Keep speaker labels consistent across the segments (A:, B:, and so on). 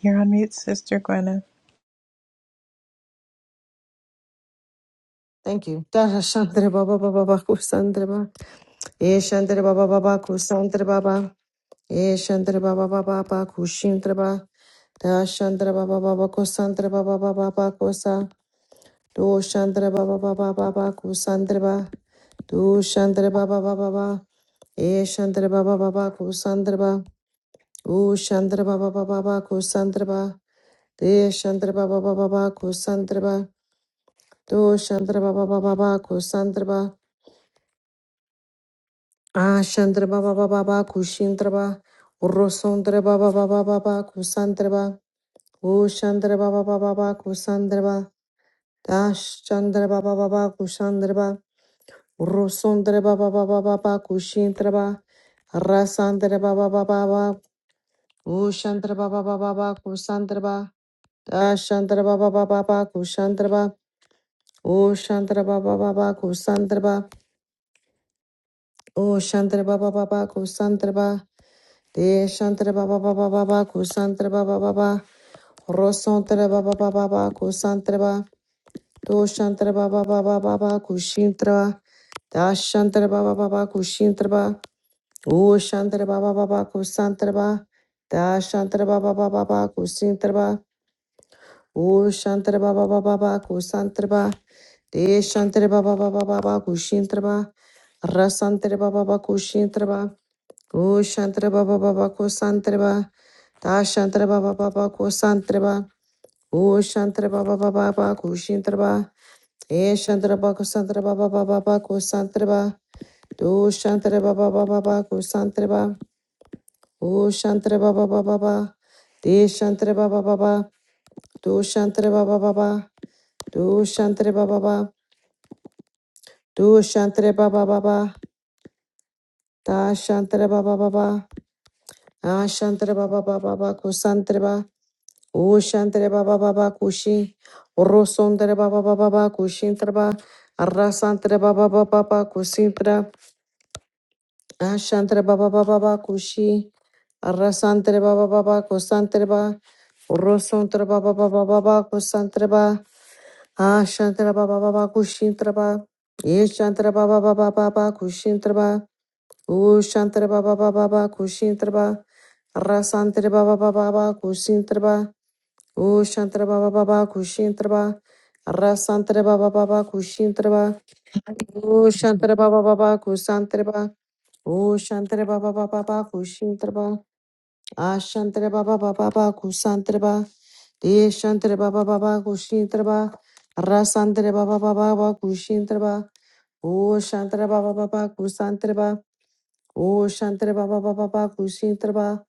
A: You're on mute, Sister Gwyneth.
B: Thank you. Dasha Shandra Baba Baba Baku Sandra Ba. E Shandra Baba Baba Kusandra Baba. E Shandra Baba Baba Baku Shindra Ba. Da Shandra Baba Baba Kusandra Baba Baba Bakusa. Do Shandra Baba Baba Baba Kusandra Ba. Do Shandra Baba Baba Ba. E Shandra Baba Baba Kusandra Ba. O Shandra Baba Baba Baba Kusandra Ba. De Shandra Baba Baba Baba Kusandra Ba. Do Shandra Baba Baba Baba Kusandra Ba. Ashandraba baba baba kushindraba urosondraba baba baba baba kusandraba ushandraba baba baba kusandraba dashandraba baba baba kusandraba urosondraba baba baba baba kushindraba rasandraba baba baba ushandraba baba baba kusandraba dashandraba baba baba kusandraba ushandraba baba baba kusandraba ushandraba baba baba kusandraba Deshantre baba baba baba kusantre baba baba rosantre baba baba baba kusantre baba doshantre baba baba baba kushintre baba dashantre baba baba kushintre baba ushantre baba baba kusantre baba dashantre baba baba baba kusintre ba O Shantara Baba Baba Baba Kusantara ba, De Shantara Baba Baba Baba Kushintara ba Rasantara Baba Baba Kushintara Baba O Shantara Baba Baba Kusantara Baba Da Shantara Baba Baba Kusantara ba O Shantara Baba Baba Baba Kushintara Baba E Shantara Baba Kusantara Baba Baba Baba Kusantara ba Do Shantara Baba Baba Baba Kusantara Baba O Shantara Baba Baba Baba De Shantara Baba Baba Do Shantara Baba Baba do Shantare Baba Baba. Do Shantare Baba Baba. Da Shantare Baba Baba. Ah Shantare Baba Baba Kusantare Baba. Kusantre Ba. O Shantare Baba Baba Kushi. Rosondre Baba Baba Baba Kushintre Ba. Arrasantre Baba Arrasantare Baba Baba Kusintra. Ah Shantare Baba Baba Baba Kushi. Arrasantre Baba Baba Kusantre Ba. Rosontre Baba Baba Kusantare Baba Kusantre Ba. Ah, Shantara Baba Baba Kushintara Ba. Ye Shantara Baba Baba Baba Kushintara Ba. Ooh, Shantara Baba Baba Baba Kushintara Ba. Rasantara Baba Baba Baba Kushintara Ba. Ooh, Shantara Baba Baba Kushintara Ba. Rasantara Baba Baba Kushintara Ba. Ooh, Shantara Baba Baba Kusantara Ba. Ooh, Shantara Baba Baba Baba Kushintara Ba. Ashantre baba baba ba kusantre ba deshantre baba baba kushintre ba rasantre baba baba baba kushintre ba o shantre baba baba kusantre ba o shantre baba baba baba kushintre ba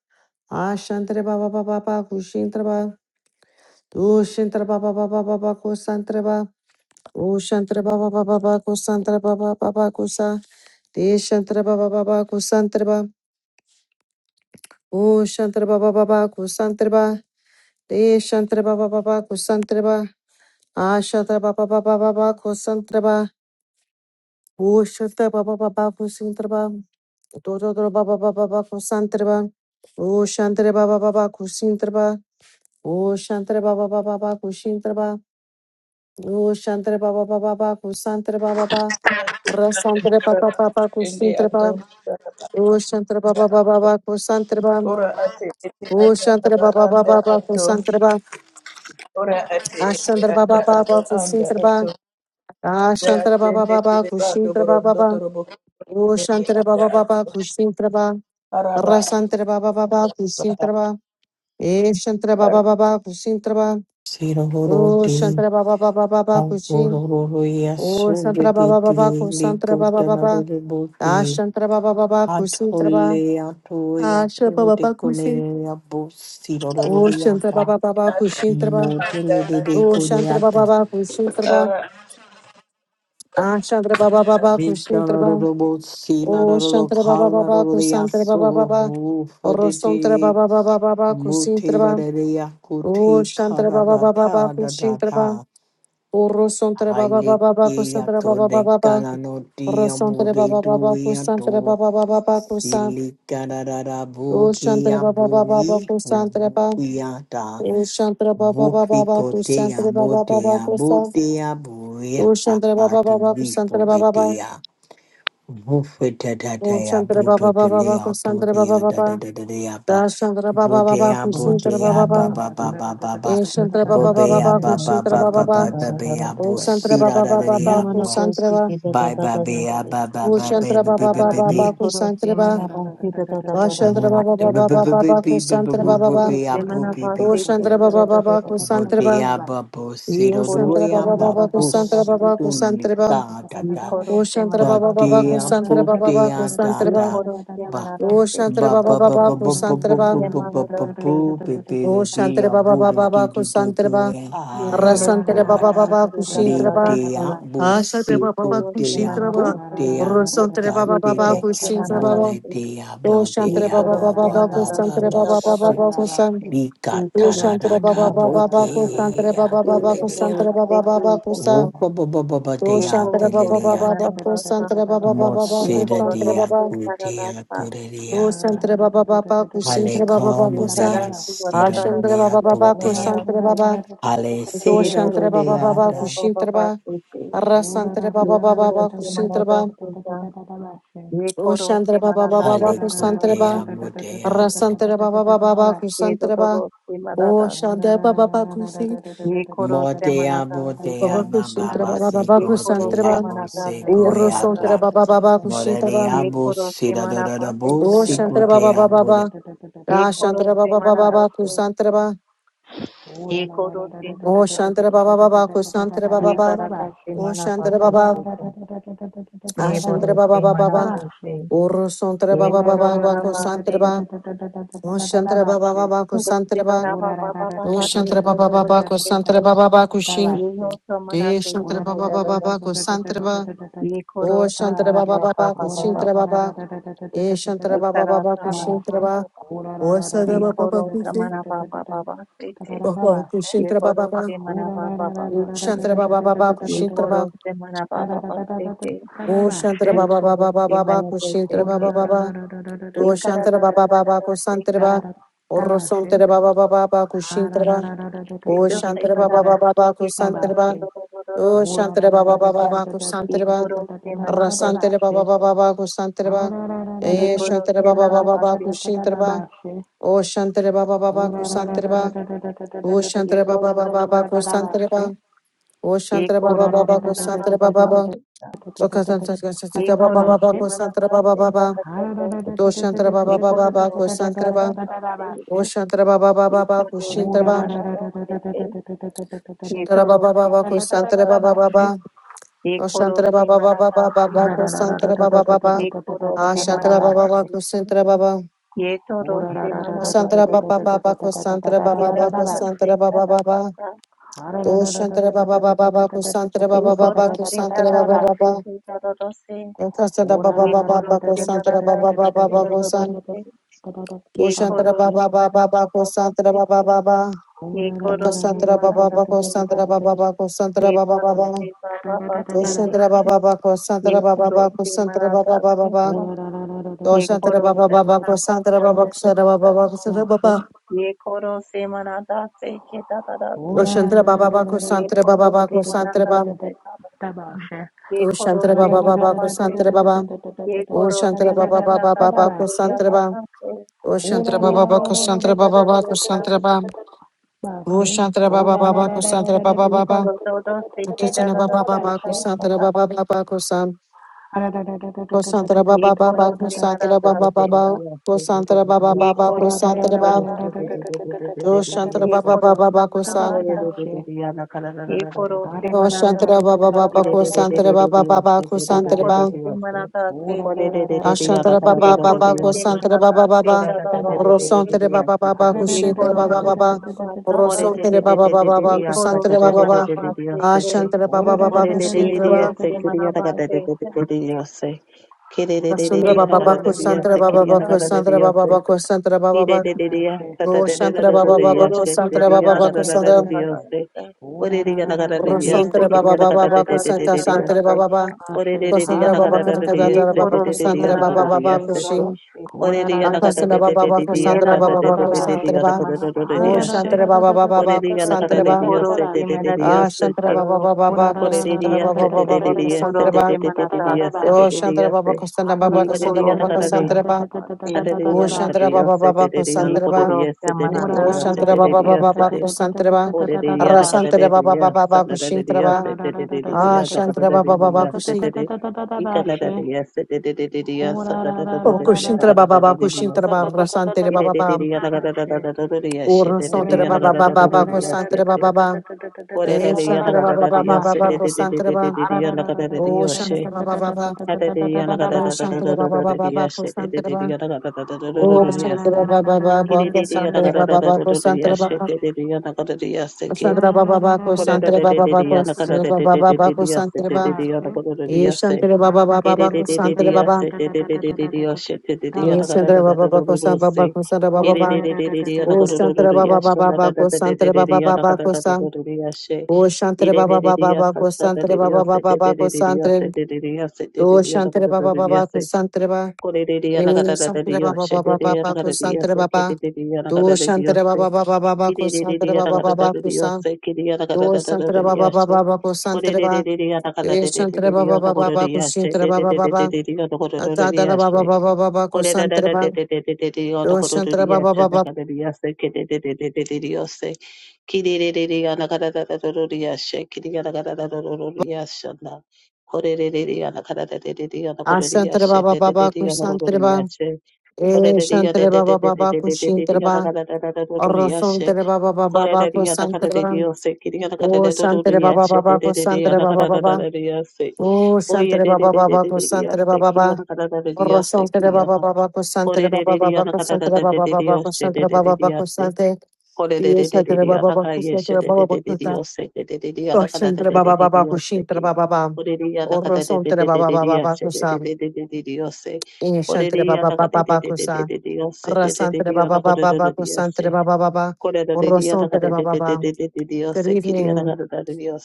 B: ashantre baba baba baba kushintre ba o shantre baba baba baba kusantre ba o shantre baba baba baba kusantre baba baba kusa deshantre baba baba kusantre ba o shantre baba baba kusantre ba Deshantraba baba baba kusantraba. Ashantraba baba baba baba kusantraba. Ushantraba baba baba kusantraba. Dododro baba baba baba kusantraba. Ushantraba baba baba kusantraba. Ushantraba baba baba baba kusantraba. Ushantraba baba baba baba kusantraba baba. Rasantraba baba baba
C: ende
B: kusantraba.
C: ato
B: Ushantraba baba baba baba kusantraba.
C: ora ate ete ata aba
B: Ushantraba baba baba
C: anda
B: baba
C: ato
B: kusantraba.
C: ora ate ete
B: Ashantraba
C: ata
B: baba baba
C: aba anda
B: kusantraba.
C: ato
B: Ah,
C: da
B: Shantara Baba
C: atende
B: Baba,
C: tele bando
B: Kushintra Baba
C: borondo
B: Baba,
C: torobo
B: Oh
C: kende
B: Shantara
C: anda
B: Baba
C: ato
B: Baba, Kushintra Baba,
C: araba
B: Rasantara Baba Baba, Kushintra Baba, Eh Shantara Baba
C: anda
B: Baba, Kushintra Baba, Oh
D: Sirorodi,
B: Shantara Baba Baba Baba, Kushin,
D: Auroroya
B: Oh Shantara
D: Suridi,
B: Baba Baba, Kusantra Baba Baba, Ah
D: Likotanarodi,
B: Shantara Baba Baba, Kushintra Baba,
D: Atoleato,
B: Ah Shantara Baba
D: Yato,
B: Baba, Kushin,
D: Deconerea,
B: Oh Shantara
D: Bosirorodiata,
B: Baba Baba, Kushintra Baba,
D: Motele de
B: Oh
C: ato
B: Shantara
D: Coreata,
B: Baba Baba, Kushintra Baba,
C: ara
B: Ah Shantara Baba Baba, Kushintra Baba,
D: Mitanorobo,
B: Oh
D: Silaroro,
B: Shantara Baba Baba, Kusantra Baba
D: Calarodiaso,
B: Baba,
D: Mufaditi,
B: Orosontra baba baba baba kusintra
D: Mutera
B: ba.
D: de Yakute,
B: Ushantra baba baba baba kusintra ba.
D: Caradata,
B: Orosontra baba baba baba
D: Hallelujah
B: kusantra
D: to
B: baba
D: the
B: baba baba.
D: Kananotia
B: Orosontra
D: Bode
B: baba baba kusantra
D: Duyato,
B: baba baba baba kusan.
D: Silikarada Bukia
B: Ushantra baba baba baba
D: Bui,
B: kusantra ba.
D: Bukiata,
B: Ushantra baba baba baba
D: Bukikotea
B: kusantra baba baba
D: Botea
B: kusan.
D: Botea
B: Ushantra baba
D: Buia, to
B: baba
D: be for
B: kusantra
D: the
B: baba baba.
D: day. Bufete da da ya
B: Ushantra
D: buto
B: baba
D: to
B: baba
D: le
B: baba
D: ya to
B: kusantra
D: de
B: baba
D: ya da da
B: baba.
D: da da da ya ba.
B: Dashantra baba
D: Bote
B: baba
D: ya bote
B: kusintra
E: Nikonasi
D: ya
B: baba
F: Oh,
D: ba
B: baba.
D: ba
E: manadasi,
D: ba ba ba ba.
B: Ishantra baba baba
E: nikorosi
D: Bobe ya
B: baba
D: ba ba
E: manadasi,
B: kusintra
D: ba
B: baba
D: ba
B: baba.
D: ba ba ba ya
B: Om
D: bo
E: kitadadadadasa,
B: Santra
D: si da
B: Baba
D: da
B: Baba
D: da da
B: Baba
D: ya
B: Om
D: bo.
B: Santra
E: nimanadasi,
B: Ba
D: Bye bye be ya
E: kitadadadadasi,
D: ba ba
B: Om
D: ba ba ba
B: Santra
D: ba
B: Baba
D: ba
B: Baba
D: ba ba.
B: Baba Om
E: nikorosi
B: Santra Ba
E: manadasi,
B: Om Santra
D: Not
B: Baba
D: the
E: dadadadadadasi,
D: ba
B: Baba
D: ba
B: Baba
D: ba ba
B: Baba Om
D: ba ba ba
B: Santra
D: ba
B: Baba
D: ba ba
B: Ba
D: ya
E: nikorosi
D: bo be be
B: Om
E: manadasi,
D: full.
B: Santra Baba Baba Baba
E: kitadadadadadasa,
B: Santra
D: Bote
B: Ba
D: ya ba bo si
B: Om
D: do do
B: Santra
E: nikorosi
D: ya
B: Baba Baba
D: ba
B: Baba
D: bo
B: Santra
D: si.
B: Baba
E: manababababasi,
D: Uli da da da
B: Om
E: nikorosi
B: Santra
D: ba dea bo
E: manababababasi,
B: Baba Om
D: dea da
B: Santra Ba
D: da
E: nikorosi
D: ba
B: Om
E: manadasi,
B: Santra
D: ba
B: Baba
D: ba ba
E: kitadadadadasi,
D: ba
B: Baba Om
D: ba ba ba
B: Santra
D: ba
B: Baba
D: ba ba ba
E: nimanadasi,
D: boo be be de
B: Om
D: be
B: Santra Baba Baba Om Santra Ba Om Santra
D: a
B: Baba
D: boo de
B: Baba
D: do
B: Baba Santra Ba
D: do
B: Om
D: do
B: Santra
D: do
B: Baba
D: e
F: Oh,
D: I e
E: nikorosi
D: go
B: Rasantra Baba Baba
E: manadasi,
B: Om
D: le
B: Santra
D: de
B: Ba
D: a
E: dadadadadasi,
D: bo si
B: Rasantra Baba Asatra
D: go
B: Baba
D: de
E: Nikorosi
D: a
B: Kushintra
D: bo
B: Ba Asantra Baba
D: de
E: manabate,
D: a
B: Om
D: go
B: Santra Baba Kushintra Ba Rasantra
D: da
B: Baba
D: de
B: Baba
D: de
E: nikorosi
B: Kushintra
D: bo
B: Ba
D: de
E: manabate,
D: de a
B: O
D: bo de
B: Shantara
D: a
B: Baba
D: bo
B: Baba
E: nikorosi
D: ba
B: Baku
D: ba ba
E: manabate,
B: Santara
D: ba
B: Baba Baba
D: so
E: dadadate,
B: Baku San
D: mi ka
B: O
D: da da
E: nikorosi
D: da
B: Shantara
D: da
B: Baba
D: bo
B: Baba
E: manabata,
D: ke
B: Baku Santara Baba Baba
D: go le
B: Baku
D: de
B: Santara
E: nikorosi
B: Baba Baba Baku
D: oh
B: San
E: kizapa,
D: ba ba ba ba ba de
B: O
D: a
B: Shantara
D: de le
B: Baba
E: nikorosi
D: le
B: Baba Baku
E: manabata,
B: Santara Baba Baba Baku
D: Mosira
B: Santara
D: dia
E: nikorosi
B: Baba
D: putia
E: karadasa,
B: O
D: coreriata.
B: Shantara Baba Baba Baku
D: Ale
B: Santara Baba Baku
D: como
B: San
D: dia
E: nikarasi
D: sirum
B: Ashantara
D: dia
B: Baba Baba Baku
D: putia.
B: Santara
E: wadadadadadadadadadadate,
B: Baba
D: Ale
B: O
D: siro
B: Shantara
E: nikorosi
B: Baba Baba Baku
D: deata.
B: Santara Baba
E: manababababate,
B: Arra Santara Baba Baba Baku
E: nikorosi
B: Santara Baba
E: manabate,
B: O
E: nikorosi
B: Shantara Baba Baba
D: Ale
B: Baku Santara
E: manabadadadadate,
D: cotea
B: Baba Arra
D: muteate.
B: Santara Baba Baba Baku Santara Baba
E: nikorosi
B: O
E: manabadadadadadate,
B: Shanda Baba Bakusi,
E: ye koro se
D: Motea
E: manata seka,
D: botea
B: Baba Kushintra
D: mamma
B: Baba Baba
E: ye
D: seco
E: koro se
D: tea
B: Kusantraban,
E: manata seka ta
B: Uro
E: ta ta
B: Sontra
D: bosecoeata.
E: se,
B: Baba Baba
D: Morelia
B: Kushintraban,
E: ye koro se
D: busira
E: manapa
D: dorada
E: seka
B: O
E: ta ta ta
B: Shantra Baba
E: se,
D: busicotea
B: Baba Baba,
E: ye
B: Ra
E: koro
B: Shantra
E: se
B: Baba Baba
E: manata
B: Baba
E: se,
B: Kusantraba,
E: ye koro se
B: O
E: manata
B: Shantra
E: se,
B: Baba Baba Kusantra Baba
E: ye
B: Baba,
E: karata se
B: O
E: manapa
B: Shantra
E: se
B: Baba,
E: seka, ye
B: Ashantra
E: boro
B: Baba
E: se
B: Baba Baba,
E: manapo se,
B: Uro Sontra
E: ye
B: Baba
E: koro
B: Baba Baba
E: barapa se,
B: Kusantraba, O Shantra Baba
F: ora
B: Baba
E: koro se
B: Kusantraba,
E: barapa
F: Ora da
E: pa
F: da
E: pa
F: da
E: pa
F: da
B: O
E: pa
F: da da
E: se
F: da
B: Shantra
F: da
E: ta
F: da da
B: Baba
E: ta
F: da
E: ta
B: Baba
E: ta se
F: da da.
B: Kusantra
E: se,
B: Baba Baba Kushin,
E: ye ho
F: Tabashe.
E: se
B: De
E: manate se
B: Shantra
F: ora
E: ta
F: da
B: Baba
F: da
E: ta
F: da
E: ta
F: da
B: Baba
E: ta,
F: da
B: Baba
F: da da
B: Kusantraba,
E: ye koro
B: O
E: se
B: Shantara Baba
E: manapa pa
B: Baba
E: pa pa pa
B: Kushintara Baba
F: da da da da.
B: E Shantara Baba
E: Ekara
B: Baba
E: samana
B: Kushintara
E: papa
F: Tabashe.
B: Baba
E: papa.
F: ora da
B: O
F: da da
B: Shantara
F: da da da da da da. Tabashe. ora da da da da da
B: Baba Baba
E: Ekoro
F: da
E: samana
F: da da da
E: papa
F: da.
E: papa sete.
F: Tabashe.
B: Kushintara
E: Ekoro
B: Baba
E: samana
F: ora da
E: papa
F: da da da
E: papa
F: da da
E: sete.
B: Kushintara
F: da
B: Baba Baba
E: Ekoro samana
F: da da
E: papa papa
F: da.
E: sete.
B: O
F: Tabashe.
B: Shantara Baba
E: Ekoro
B: Baba
E: samana sete
B: Kushintara
F: ora da
E: sete.
F: da
B: Baba
F: da da da da
B: O
E: Ekara
B: Shantara
E: da
F: da
E: da
B: Baba
E: da
B: Baba
E: da
B: Baba Kushintara Baba Baba O Shantara Baba Baba
F: da
E: da
B: Kushantara
E: seka.
F: da
B: Baba
F: da.
B: O
F: Tabashe,
B: Rosantara Baba Baba Kushintara Baba O
E: Ekoro
B: Shantara
E: samana
B: Baba
E: papa
B: Baba
E: sete da da
B: Kushantara
E: da
B: Baba
E: da da da da da
B: O
E: sete
B: Shantara
E: da.
B: Baba Baba Kushantara Baba
E: Ekoro samana te.
B: Rasantara Baba Baba Kushantara Baba E
E: Ekoro
B: Shantara Baba
E: samana papa
B: Baba
E: sete.
B: Kushintara Baba O Shantara Baba Baba Kusantra Ba. O Shantara Baba
E: Ekoro da
B: Baba
E: da da
B: Baba
E: seka.
B: Kusantra Ba.
F: Bashe,
B: O Shantara
E: Ekoro
B: Baba Baba
E: samana
B: Kusantra
E: papa
B: Baba
E: papa
B: Ba.
E: sete.
B: O Kasanta
E: ye
B: Kasanta Baba
E: koro
B: Baba
E: se
B: Kusantra
E: manada
B: Baba
E: se
B: Baba.
E: tata koto,
B: O Shantara
E: ye
B: Baba Baba
E: koto
B: Baba
E: do si
B: Kusantra
E: kata
B: Ba.
E: pate,
B: O Shantara Baba
E: ye
B: Baba Baba
E: koto
B: Kushintra
E: se
B: Ba.
E: manada se
F: Bashi.
E: ke, ye
B: Shantara
E: toro
B: Baba
E: se
B: Baba
E: ke
B: Kusantra
E: tata,
B: Baba Baba.
E: ye
B: O
E: koro
B: Shantara
E: se
B: Baba Baba
E: manada se
B: Baba
E: ta,
B: Kusantra Baba Baba.
E: ye koro
B: Ah
E: se
B: Shantara Baba
E: manaba
B: Baba
E: se ke,
B: Kusantra Baba.
E: ye toro se manaba
B: Santara
E: se
B: Baba
E: ke,
B: Baba Kusantra
E: ye
B: Baba Baba
E: tata
B: Kusantra
E: se
B: Baba
E: kata
B: Baba.
E: pata,
B: Do Shantara Baba Baba Baba Santara
E: ye
B: Baba Baba
E: koto
B: to
E: se
B: Santara
E: tata
B: Baba
E: da se
B: Baba
E: ke tata se,
B: Kasada Baba
E: ye
B: Baba
E: koro
B: Baba
E: se
B: Santara Baba
E: manada se
B: Baba
E: ke do
B: Baba San
E: se,
B: Do
E: ye
B: Shantara
E: koro se
B: Baba Baba
E: manaba
B: Baba
E: papa
B: Santara
E: se ke,
B: Baba Baba
E: ye koro se
B: Kasantara Baba
E: marara
B: Baba
E: se ta
B: Santara Baba Baba Santara
E: ye
B: Baba
E: taro
B: Baba
E: se ta baba
B: Do
E: se te
B: Shantara Baba Baba
E: ye
B: Santara Baba
E: koro
B: Baba
E: se
B: Santara
E: marada
B: Baba
E: se
B: Baba
E: ta
F: Bashe.
B: Do
E: ye
B: Shantara
E: koro
B: Baba
E: se
B: Baba
E: maraba se
B: Santara Baba
E: te te
B: Santara
E: ta
B: Baba
E: ta
B: Baba Santara Baba
E: ye koro se marada se ke ta ta ta
B: Do
E: se
B: Shantara Baba Baba
E: ye
B: Santara Baba
E: koro
B: Baba
E: se
B: Santara
E: marada
B: Baba
E: se ta ta
B: Do
E: ye koro
B: Shantara
E: se
B: Baba
E: maraba
B: Baba
E: se
B: Santara Baba
E: ye
B: O
E: koro se
B: Shantara Baba
E: marada
B: Baba
E: ta ta
B: Baba
E: se ta
B: Kosantara
E: ta
B: Baba.
E: ta se
B: O Shantara
E: ye
B: Baba Baba
E: koro se
B: Kosantara Baba
E: marada
B: Baba
E: se ta
B: Kosantara Baba. O Shantara Baba Baba Kosantara Baba
E: ye
B: Baba.
E: koro todo se
B: O
E: te ta
B: Kitsana
E: ta ta
B: Baba
E: se
B: Baba
E: ta ta
B: Kosantara
E: ta.
B: Baba Baba Kosan. Kosantara
E: ye
B: Baba Baba
E: koro se
G: Kiri
B: Kosantara
E: maraba
B: Baba
E: seta,
B: Baba. Kosantara Baba
E: ye
B: Baba
E: koro se
B: Kosantara Baba.
E: maraba se,
B: O Shantara
E: ye
B: Baba
E: koro
B: Baba
E: se
B: Baba
E: maraba
B: Kosan.
E: ta, ye koro se
B: O
E: maraba
B: Shantara
E: se
B: Baba Baba
E: karata sa,
B: Kosantara Baba Baba
E: ye
B: Kosantara
E: koro
B: Baba.
F: Tabashe.
E: se maraba se
F: Ora
E: te,
F: ra ra ra ra ra ra ra
B: Ashantara
E: ye
B: Baba Baba
E: koro se
B: Kosantara
E: maraba
B: Baba
E: se
B: Baba
E: ta da ro se te,
B: Rosantara Baba Baba
E: ye
B: Kushintara
E: koro
B: Baba
E: se
B: Baba
E: maraba ta ta,
B: Rosantara Baba Baba baba
E: ye koro
B: Kusantara
E: se
B: Baba Baba
E: maraba se te,
B: Ashantara
F: Ora
B: Baba Baba
E: ye
B: Kushintara Baba
E: koro se maraba se ta,
F: Ah
B: Rasundra
E: ye
B: Baba Baba
E: koro se
B: Kusantara
E: maraba
B: Baba Baba
E: ta,
B: Kusantara Baba Baba
G: Yes,
F: Ah
B: Kusantara Baba
E: ye
B: Baba Roshantara Baba Baba
E: koro se
B: Kusantara Baba
E: maraba
B: Baba
E: se ta da
B: Kusantara
E: da da.
F: Oh, da da da da da da da da da da da
E: ye
F: da da
B: Rosantara
E: koro
B: Baba
F: da
B: Baba Baba
F: da da
E: manata se
B: Kusantara
E: ta ta
F: da
B: Santara
F: da.
B: Baba Baba
F: Ashe,
B: Kusantara
F: ha da
B: Baba
F: da da da da da da
E: ye
B: Kusantara
F: da
B: Baba
F: da
B: Baba
E: koro
F: da da
B: Kusantara
F: da da da.
B: Baba
E: manata se
B: Baba
F: Ashe,
E: ta ta
B: Kushin
F: ko da da da da da da da
B: Akasantara
F: da
B: Baba
F: da da
B: Baba
F: da da da
E: ye na
B: Kusantara
F: da
E: bo
B: Baba
E: ta
B: Baba
F: da.
E: ta ta
F: Ashe,
B: Kusantara
F: ha
B: Oh,
F: da da da
B: Shantara
F: da da da
B: Baba
F: da da da da da
B: Baba
F: da
B: Baba Santara
E: ye
F: da da
B: Baba.
F: da da.
E: koro se
F: Ashe,
E: manata
B: Ah,
E: se
B: Shantara
E: ta
B: Baba Baba
F: ko da da
B: Baba
F: da da da da
B: Santara
F: da
B: Baba
F: da da da da da da da
B: Baba
F: da
B: Baba
E: ye koro
B: Santara Baba.
F: da da
E: manata
F: da da.
E: ta
B: Oh,
F: Ashe,
B: Shantara Baba
F: ha
B: Santara
F: da da da
B: Baba
E: ye
F: da
B: Santara
F: da da da da da da
E: koro
F: da
B: Baba
E: se
B: Santara
E: manapa
F: da
B: Baba.
F: da da da
B: Oh,
F: da da.
G: Adediana
B: Shantara
F: Ashe, ko da da da da da da da da da da da da
B: Baba
G: Cadiosa,
B: Baba
G: Dediana
E: ye
B: Santara Baba.
E: koro
G: Codia,
E: manata
B: Oh,
G: Sededia,
E: se
B: Shantara
E: ta ta
B: Baba
G: Sededia,
B: Baba Baba
G: Sede,
F: da
B: Santara Baba.
F: da da da.
G: Odediana
F: Ashe.
B: Rasantara Baba
G: Cadedia,
B: Baba Baba Shintara
G: Sanadia,
B: Baba.
F: Tabashe.
B: Ah,
G: Sededia,
B: Shantara Baba Baba
G: Nacadia,
B: Kushi.
G: Sede, Icanadia, Sededia,
B: Oh,
G: Sanadia,
B: Kushintara Baba Baba
G: Nacadia,
B: Kushintara Baba Rasantara Baba Baba.
G: Kidedia, Nacadia,
B: Oh, Rasantara
G: Sededia,
B: Baba Baba Baba
G: Nacadia,
B: Santara
G: Sede,
B: Baba Baba. Eh,
G: Corelia,
B: Shantara Baba Baba
G: Nacadia,
B: Baba Santara Baba.
G: Sededia,
B: Oh
G: Nacadia, She,
B: Shantara Baba Baba,
G: Adedia,
B: Oh Shantara Baba Baba
G: Nacadia,
B: Baba, Oh
G: Sededia, Nacadia,
B: Shantara Baba, Oh Shantara
G: Yes,
B: Baba Baba, Oh Shantara Baba Baba, Oh Shantara Baba, Oh Shantara Baba Baba, Oh Shantara
F: Hello,
B: Baba Baba, Oh Shantara Baba Baba, Oh Shantara Baba, Eh Shantara Baba Baba Baba, Oh Shantara Baba, Eh Shantara Baba Baba, Oh Shantara Baba, Oh Shantara Baba Baba, O Shantara Baba Baba Baba Ko Shantara Baba Baba Ko San O Shantara Baba Baba Baba Ko Shantara Baba Baba Baba Ko Shantara Do Shantara Baba Baba Ko Shantara
G: Ko le le le ya na ka
B: Eh,
G: da da da le
B: Santere
G: yo
B: Baba
G: se le
B: Baba
G: le ya na
B: Baba
G: ka da le yo
B: Kusantere
G: se ke le
B: Baba
G: le ya na ka da
B: Do
G: le yo
B: Shantere
G: se
B: Baba Baba Baba
G: le le le le
B: Kusantere
G: ya na
B: Baba
G: ka da
B: Baba
G: da le yo
B: Kusan
G: se ke ya na ka da
B: Do
G: da da
B: Shantere
G: le yo
B: Baba
G: se
B: Baba Baba
G: ko le
B: Kusantere
G: le le
B: Baba
G: le ya na ka da
B: Eh,
G: da
B: Shantere
G: le yo
B: Baba
G: na ko
B: Baba
G: le
B: Baba
G: yo se
B: Kusantere
G: le le
B: Baba
G: le le
B: Baba
G: le le yo na ko le le yo
B: Atadara Baba
G: se
B: Baba Baba
G: ko le da da
B: Kusantere
G: da da
B: Baba
G: da da yo
B: Do
G: na ko le
B: Shantere
G: yo
B: Baba
G: se na
B: Baba
G: ka da yo se ke le le le le le yo se. Kiri re re re ya na ka da da da da re ya she. Kiri ya na ka da da da da re ya she na. Kole re re re ya na ka da da da re ya na kole re ya
B: Ashantere
G: she.
B: Baba
G: Kole
B: Baba
G: re ya na kole
B: Kusantere
G: re ya
B: Baba
G: she. Kole
B: Eh,
G: re ya
B: Shantere Baba Baba Kusantere Baba Orosontere Baba Baba Baba
G: na
B: Kusantere
G: kole re
B: Baba
G: ya she. Kiri ya na ka da
B: Do
G: da da da
B: Shantere
G: re ya
B: Baba
G: she.
B: Baba
G: Kiri ya
B: Kusantere
G: na ka
B: Baba
G: da da da
B: Baba
G: da re ya she. Kiri ya na ka da da da da re ya she.
B: Oh,
G: Oh yeah
B: Santere
G: re re
B: Baba
G: re re
B: Baba ko
G: re ya
B: Santere
G: she.
B: Baba
G: Kiri ya
B: Baba.
G: na ka da da da re
B: Oro
G: ya she.
B: Santere
G: Kiri ya
B: Baba
G: na
B: Baba ko Santere
G: kole re
B: Baba Baba ko Santere Baba Baba ko Santere Baba Baba
G: ya
B: ko
G: she.
B: Sante.
G: Praise
B: Diye
G: the
B: Santere Baba Baba ko Santere Baba Baba ko Ta. Oh, Santere Baba Baba ko Shintere Baba Baba. Oro Santere Baba Baba Baba ko Sam. Inye Santere Baba Baba Baba ko Sa. Ra Santere Baba Baba Baba ko Santere Baba Baba. Oro Santere Baba Baba. Good evening.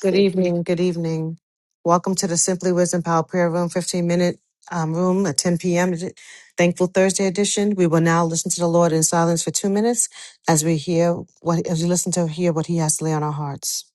B: Good evening. Good evening. Welcome to the Simply Wisdom Power Prayer Room, 15 minute um, room at 10 p.m. Thankful Thursday edition. We will now listen to the Lord in silence for two minutes as we hear what, as we listen to hear what he has to lay on our hearts.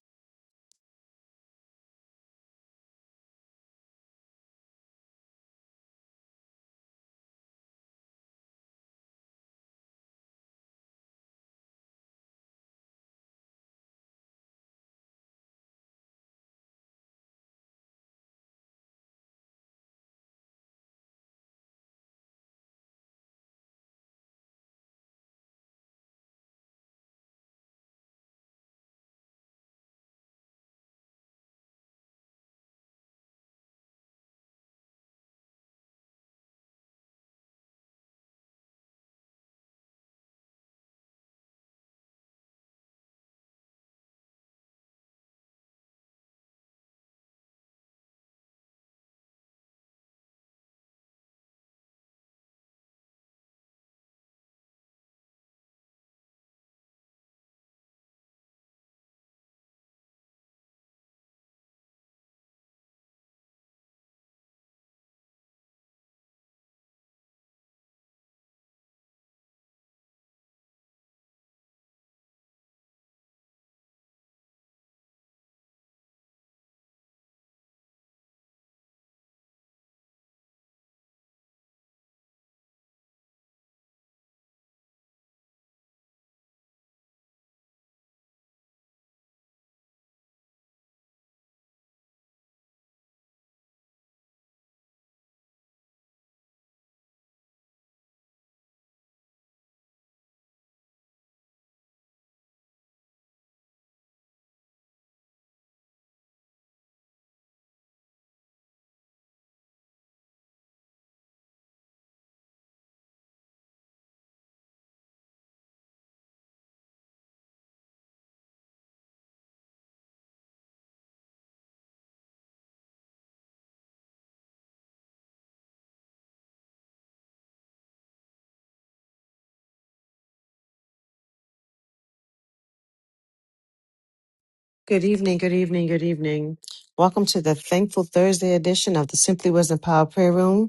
B: Good evening. Good evening. Good evening. Welcome to the Thankful Thursday edition of the Simply Wisdom Power Prayer Room.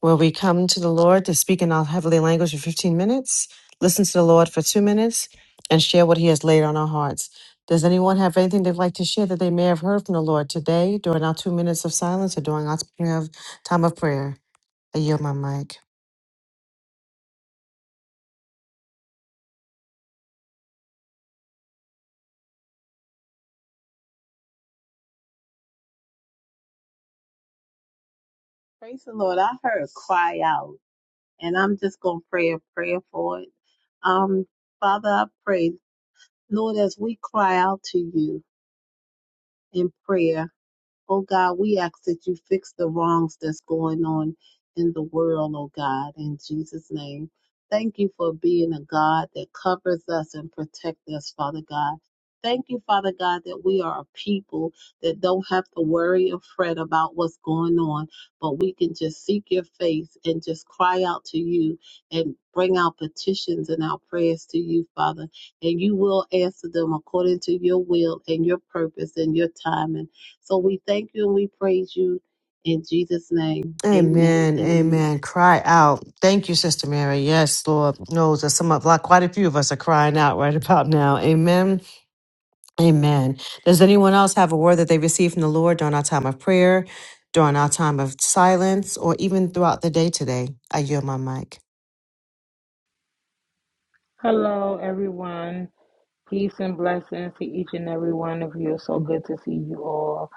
B: where we come to the Lord to speak in our heavenly language for 15 minutes, listen to the Lord for two minutes, and share what He has laid on our hearts. Does anyone have anything they'd like to share that they may have heard from the Lord today during our two minutes of silence or during our time of time of prayer? I yield my mic.
G: Lord! I heard cry out, and I'm just gonna pray a prayer for it. Um, Father, I pray, Lord, as we cry out to you in prayer. Oh God, we ask that you fix the wrongs that's going on in the world, oh God, in Jesus' name. Thank you for being a God that covers us and protects us, Father God. Thank you, Father God, that we are a people that don't have to worry or fret about what's going on, but we can just seek your face and just cry out to you and bring our petitions and our prayers to you, Father. And you will answer them according to your will and your purpose and your timing. So we thank you and we praise you in Jesus' name. Amen
B: Amen.
G: and
B: Amen.
G: amen.
B: Cry out. Thank you, Sister Mary. Yes, Lord knows that some of like quite a few of us are crying out right about now. Amen. Amen. Does anyone else have a word that they received from the Lord during our time of prayer, during our time of silence, or even throughout the day today? I yield my mic.
F: everyone. Peace and blessings to each and every one of you. So good to see you all.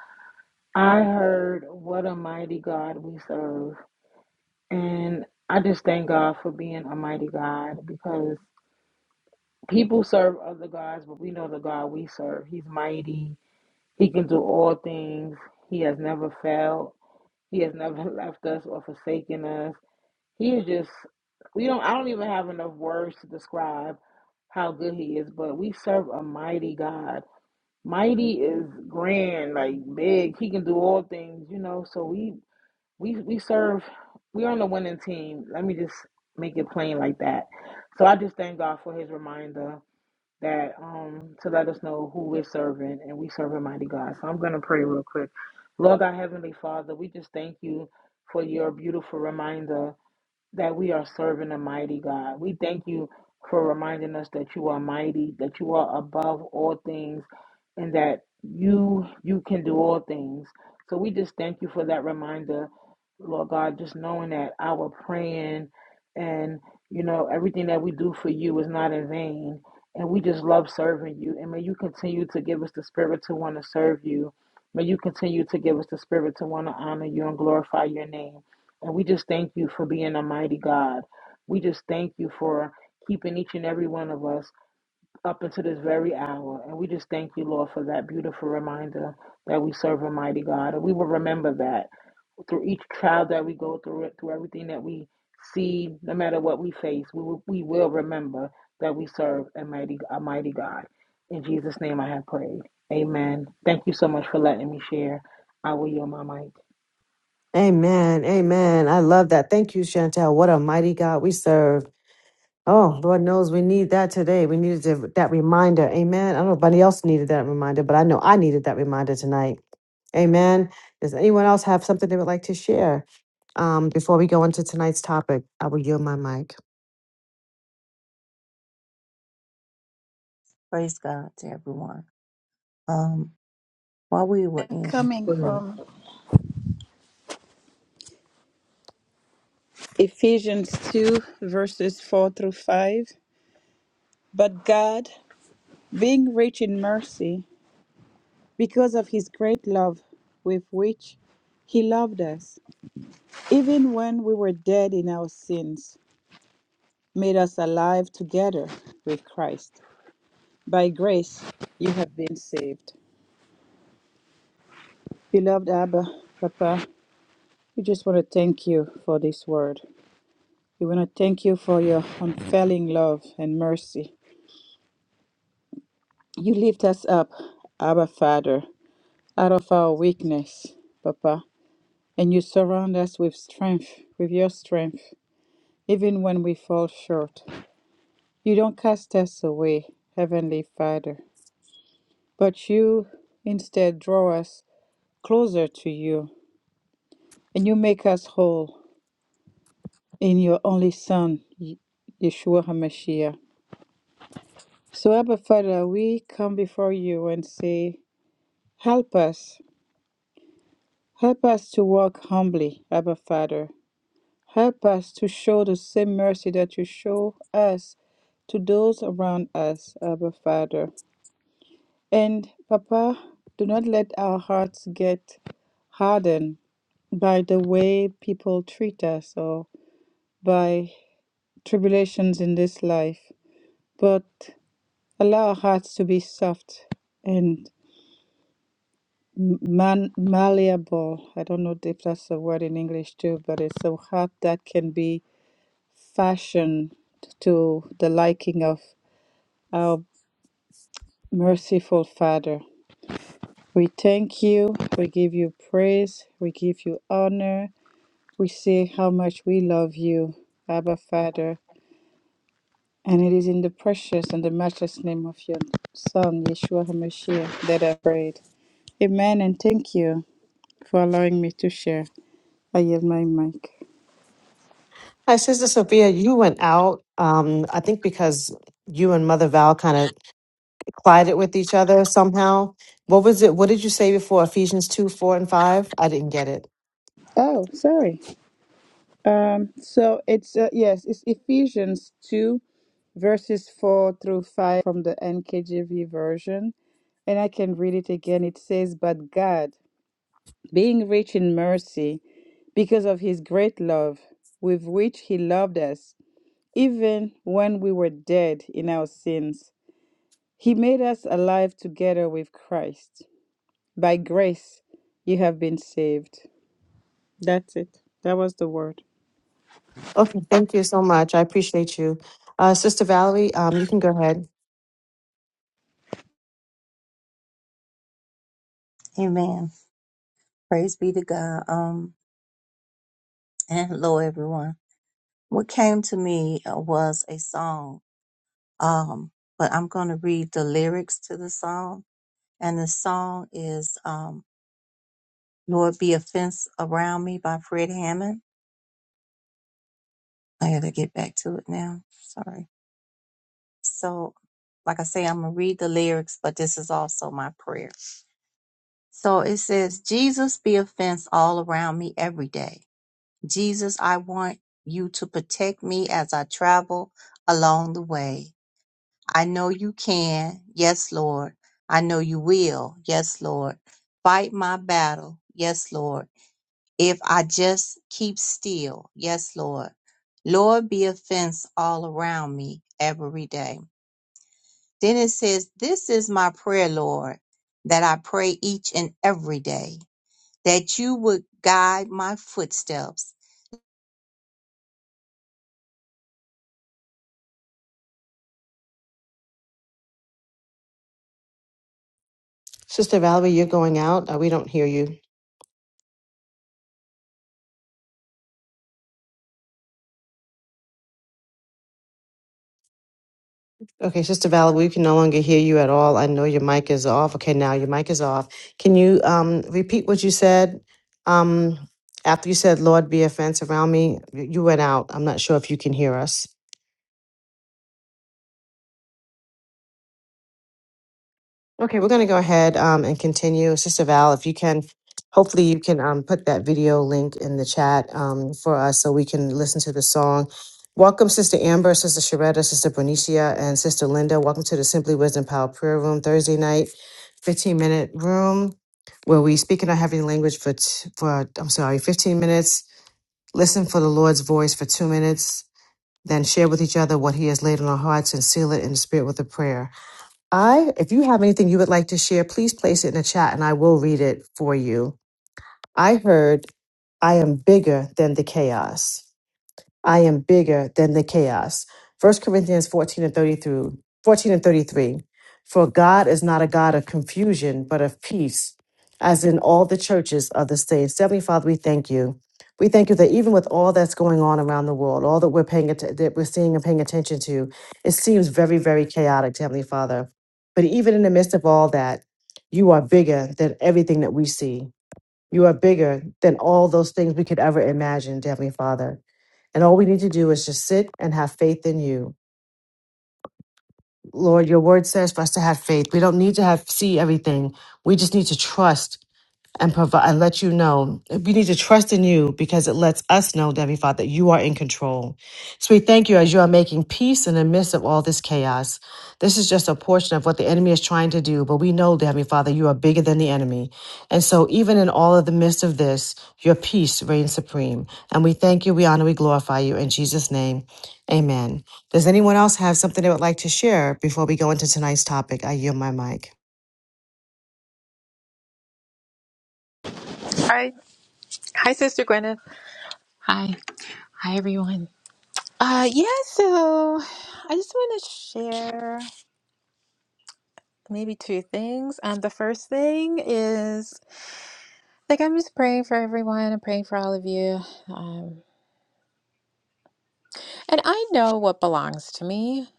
F: I heard what a mighty God we serve. And I just thank God for being a mighty God because people serve other gods, but we know the God we serve. He's mighty, He can do all things, He has never failed. He has never left us or forsaken us. He is just we don't I don't even have enough words to describe how good he is, but we serve a mighty God. Mighty is grand, like big. He can do all things, you know. So we we we serve we're on the winning team. Let me just make it plain like that. So I just thank God for his reminder that um to let us know who we're serving and we serve a mighty God. So I'm gonna pray real quick. Lord our Heavenly Father, we just thank you for your beautiful reminder that we are serving a mighty God. We thank you for reminding us that you are mighty, that you are above all things, and that you you can do all things. So we just thank you for that reminder, Lord God, just knowing that our praying and you know everything that we do for you is not in vain. And we just love serving you. And may you continue to give us the spirit to want to serve you. May you continue to give us the spirit to want to honor you and glorify your name. And we just thank you for being a mighty God. We just thank you for keeping each and every one of us up until this very hour. And we just thank you, Lord, for that beautiful reminder that we serve a mighty God. And we will remember that through each trial that we go through, it, through everything that we see, no matter what we face, we will, we will remember that we serve a mighty, a mighty God. In Jesus' name I have prayed. Amen. Thank you so much for letting me share. I will yield my mic.
B: Amen. Amen. I love that. Thank you, Chantel. What a mighty God we serve. Oh, Lord knows we need that today. We needed to- that reminder. Amen. I don't know if anybody else needed that reminder, but I know I needed that reminder tonight. Amen. Does anyone else have something they would like to share um, before we go into tonight's topic? I will yield my mic.
E: praise God to everyone um while we were in
C: coming
E: prayer
C: from Ephesians 2 verses 4 through 5 but God being rich in mercy because of his great love with which he loved us even when we were dead in our sins, made us alive together with Christ. By grace, you have been saved. Beloved Abba, Papa, we just want to thank you for this word. We want to thank you for your unfailing love and mercy. You lift us up, Abba Father, out of our weakness, Papa, and you surround us with strength, with your strength, even when we fall short. You don't cast us away, Heavenly Father. But you instead draw us closer to you, and you make us whole in your only Son, Yeshua HaMashiach. So, Abba Father, we come before you and say, Help us. Help us to walk humbly, Abba Father. Help us to show the same mercy that you show us to those around us, Abba Father. And, Papa, do not let our hearts get hardened by the way people treat us or by tribulations in this life, but allow our hearts to be soft and man- malleable. I don't know if that's a word in English too, but it's a heart that can be fashioned to the liking of our merciful Father. We thank you, we give you praise, we give you honor, we say how much we love you, Abba Father. And it is in the precious and the matchless name of your Son, Yeshua HaMashiach, that I prayed. Amen, and thank you for allowing me to share. I yield my mic.
B: Hi, Sister Sophia. You went out, um, I think because you and Mother Val kind of collided with each other somehow. What was it? What did you say before Ephesians 2, 4, and 5? I didn't get it.
C: Oh, sorry. Um, so it's, uh, yes, it's Ephesians 2, verses 4 through 5 from the NKJV version. And I can read it again. It says, But God, being rich in mercy, because of his great love with which he loved us, Even when we were dead in our sins, he made us alive together with Christ. By grace, you have been saved. That's it. That was the word.
B: Okay, thank you so much. I appreciate you. Uh, Sister Valerie, um, you can go ahead.
E: amen praise be to God um and hello everyone What came to me uh, was a song, um, but I'm going to read the lyrics to the song. And the song is um, Lord Be a Fence Around Me by Fred Hammond. I got to get back to it now. Sorry. So, like I say, I'm going to read the lyrics, but this is also my prayer. So it says, Jesus be a fence all around me every day. Jesus, I want you to protect me as I travel along the way. I know you can. Yes, Lord. I know you will. Yes, Lord. Fight my battle. Yes, Lord. If I just keep still. Yes, Lord. Lord, be a fence all around me every day. Then it says, This is my prayer, Lord, that I pray each and every day, that you would guide my footsteps.
B: Sister Valerie, you're going out. Uh, we don't hear you. Okay, Sister Val, we can no longer hear you at all. I know your mic is off. Okay, now your mic is off. Can you um, repeat what you said? Um, after you said, Lord, be a fence around me, you you went out. I'm not sure if you can hear us. Okay, we're going to go ahead um, and continue. Sister Val, if you can, hopefully you can um, put that video link in the chat um, for us so we can listen to the song. Welcome, Sister Amber, Sister Sharetta, Sister Bernicia, and Sister Linda. Welcome to the Simply Wisdom Power Prayer Room Thursday night, 15 minute room where we speak in our heavenly language for, t- for, I'm sorry, 15 minutes, listen for the Lord's voice for two minutes, then share with each other what He has laid on our hearts and seal it in the spirit with a prayer. I, if you have anything you would like to share, please place it in the chat and I will read it for you. I heard, I am bigger than the chaos. I am bigger than the chaos. First Corinthians 14 and 30 through 14 and 33. For God is not a God of confusion, but of peace, as in all the churches of the saints. Heavenly Father, we thank you. We thank you that even with all that's going on around the world, all that we're paying atten- that we're seeing and paying attention to, it seems very, very chaotic, Heavenly Father. But even in the midst of all that, you are bigger than everything that we see. You are bigger than all those things we could ever imagine, dear Heavenly Father. And all we need to do is just sit and have faith in you. Lord, your word says for us to have faith. We don't need to have see everything. We just need to trust and provide and let you know we need to trust in you because it lets us know, Heavenly Father, that you are in control. So we thank you as you are making peace in the midst of all this chaos. This is just a portion of what the enemy is trying to do, but we know, dear Heavenly Father, you are bigger than the enemy. And so even in all of the midst of this, your peace reigns supreme. And we thank you, we honor, we glorify you in Jesus' name. Amen. Does anyone else have something they would like to share before we go into tonight's topic? I yield my mic.
A: Hi. Hi, Sister Gwyneth. Hi. Hi, everyone. Uh, yeah, so I just want to share maybe two things. Um, the first thing is like I'm just praying for everyone. I'm praying for all of you. Um, and I know what belongs to me.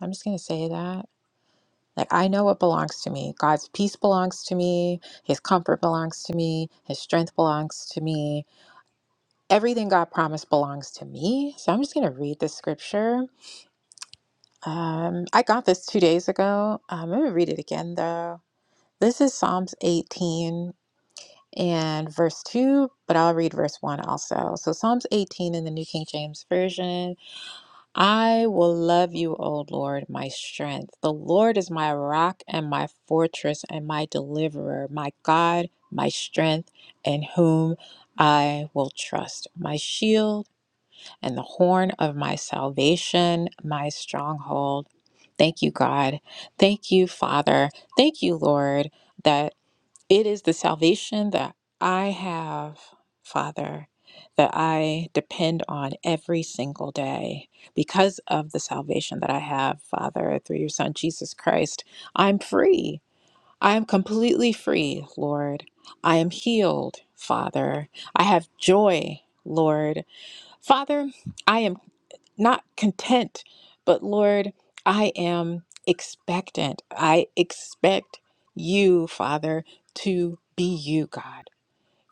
A: I'm just going to say that. Like, I know what belongs to me. God's peace belongs to me. His comfort belongs to me. His strength belongs to me. Everything God promised belongs to me. So I'm just going to read the scripture. Um, I got this two days ago. Um, I'm gonna read it again though. This is Psalms 18 and verse 2, but I'll read verse 1 also. So, Psalms 18 in the New King James Version I will love you, O Lord, my strength. The Lord is my rock and my fortress and my deliverer, my God, my strength, in whom I will trust, my shield and the horn of my salvation, my stronghold. Thank you, God. Thank you, Father. Thank you, Lord, that it is the salvation that I have, Father, that I depend on every single day. Because of the salvation that I have, Father, through your Son, Jesus Christ, I'm free. I am completely free, Lord. I am healed, Father. I have joy, Lord. Father, I am not content, but Lord, I am expectant. I expect you, Father, to be you, God.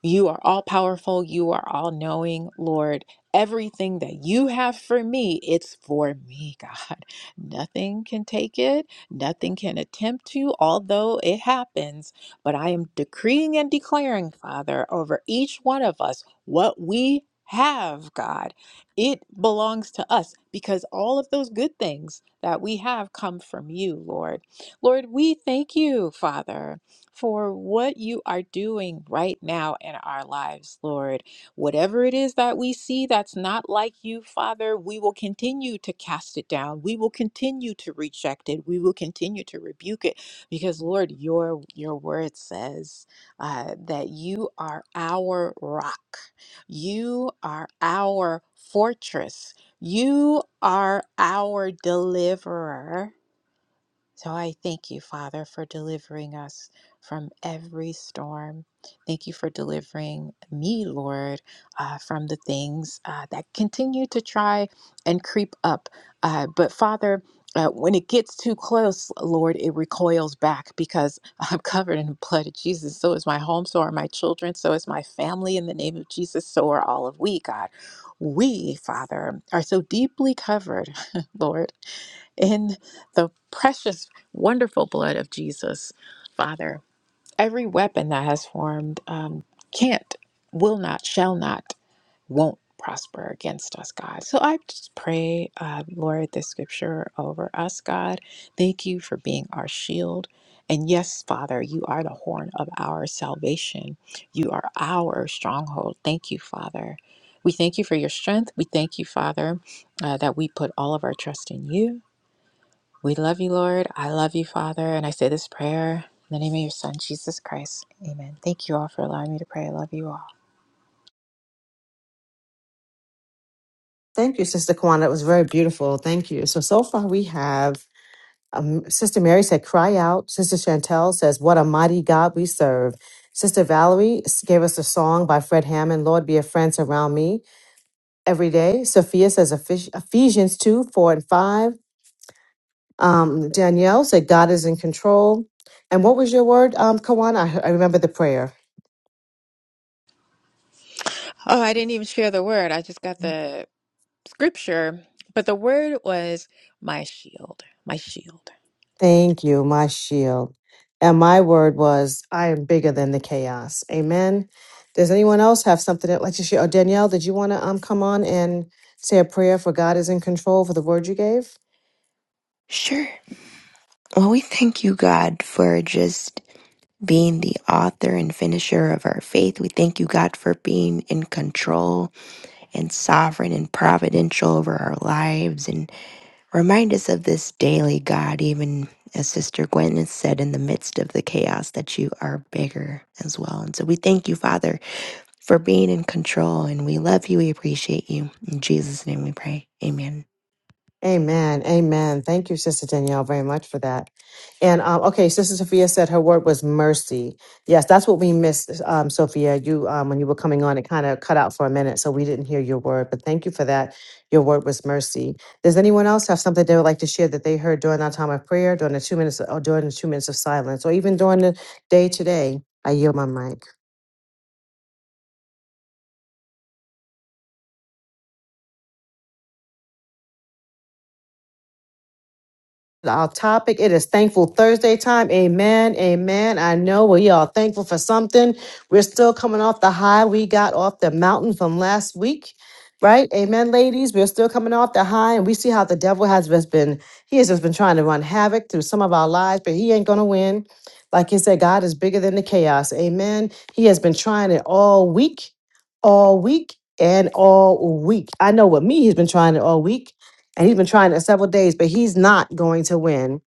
A: You are all powerful. You are all knowing, Lord. Everything that you have for me, it's for me, God. Nothing can take it, nothing can attempt to, although it happens. But I am decreeing and declaring, Father, over each one of us what we have, God. It belongs to us because all of those good things that we have come from you, Lord. Lord, we thank you, Father for what you are doing right now in our lives, Lord. Whatever it is that we see that's not like you, Father, we will continue to cast it down. We will continue to reject it. We will continue to rebuke it because, Lord, your your word says uh, that you are our rock. You are our fortress. You are our deliverer. So I thank you, Father, for delivering us from every storm. Thank you for delivering me, Lord, uh, from the things uh, that continue to try and creep up. Uh, but Father, uh, when it gets too close, Lord, it recoils back because I'm covered in the blood of Jesus. So is my home, so are my children, so is my family. In the name of Jesus, so are all of we, God. We, Father, are so deeply covered, Lord, in the precious, wonderful blood of Jesus, Father. Every weapon that has formed um, can't, will not, shall not, won't prosper against us, God. So I just pray, uh, Lord, this scripture over us, God. Thank you for being our shield. And yes, Father, you are the horn of our salvation. You are our stronghold. Thank you, Father. We thank you for your strength. We thank you, Father, uh, that we put all of our trust in you. We love you, Lord. I love you, Father. And I say this prayer in the name of your Son, Jesus Christ. Amen. Thank you all for allowing me to pray. I love you all.
B: Thank you, Sister Kwana. It was very beautiful. Thank you. So, so far we have um, Sister Mary said, cry out. Sister Chantel says, what a mighty God we serve. Sister Valerie s- gave us a song by Fred Hammond, Lord be a friend surround me every day. Sophia says Ephes- Ephesians 2, 4 and 5. Um, Danielle said, God is in control. And what was your word, um, Kawana? I, I remember the prayer.
A: Oh, I didn't even share the word. I just got the scripture, but the word was my shield, my shield.
B: Thank you, my shield. And my word was, I am bigger than the chaos. Amen. Does anyone else have something that like to share? Or Danielle, did you want to um come on and say a prayer for God is in control for the word you gave?
H: Sure. Well, we thank you, God, for just being the author and finisher of our faith. We thank you, God, for being in control and sovereign and providential over our lives. And remind us of this daily, God, even as Sister Gwen has said, in the midst of the chaos, that you are bigger as well. And so we thank you, Father, for being in control. And we love you. We appreciate you. In Jesus' name we pray. Amen.
B: Amen. Amen. Thank you, Sister Danielle, very much for that. And um, okay, Sister Sophia said her word was mercy. Yes, that's what we missed, um, Sophia. You um, when you were coming on, it kind of cut out for a minute, so we didn't hear your word. But thank you for that. Your word was mercy. Does anyone else have something they would like to share that they heard during our time of prayer, during the two minutes, or during the two minutes of silence, or even during the day today? I yield my mic. our topic. It is Thankful Thursday time. Amen. Amen. I know we are thankful for something. We're still coming off the high we got off the mountain from last week. Right? Amen, ladies. We're still coming off the high, and we see how the devil has just been, he has just been trying to run havoc through some of our lives, but he ain't going to win. Like he said, God is bigger than the chaos. Amen. He has been trying it all week, all week, and all week. I know with me, he's been trying it all week and he's been trying it several days, but he's not going to win.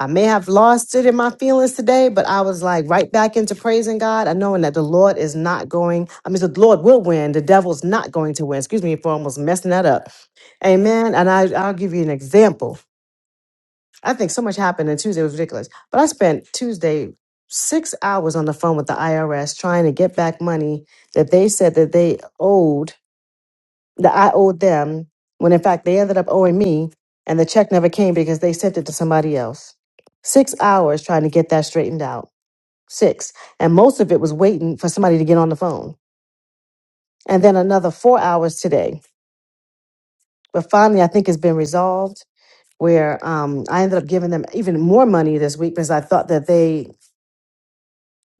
B: I may have lost it in my feelings today, but I was like right back into praising God and knowing that the Lord is not going. I mean, the Lord will win. The devil's not going to win. Excuse me for almost messing that up. Amen. And I, I'll give you an example. I think so much happened on Tuesday. It was ridiculous. But I spent Tuesday six hours on the phone with the IRS trying to get back money that they said that they owed that I owed them when in fact they ended up owing me and the check never came because they sent it to somebody else. Six hours trying to get that straightened out. Six. And most of it was waiting for somebody to get on the phone. And then another four hours today. But finally, I think it's been resolved where um, I ended up giving them even more money this week because I thought that they,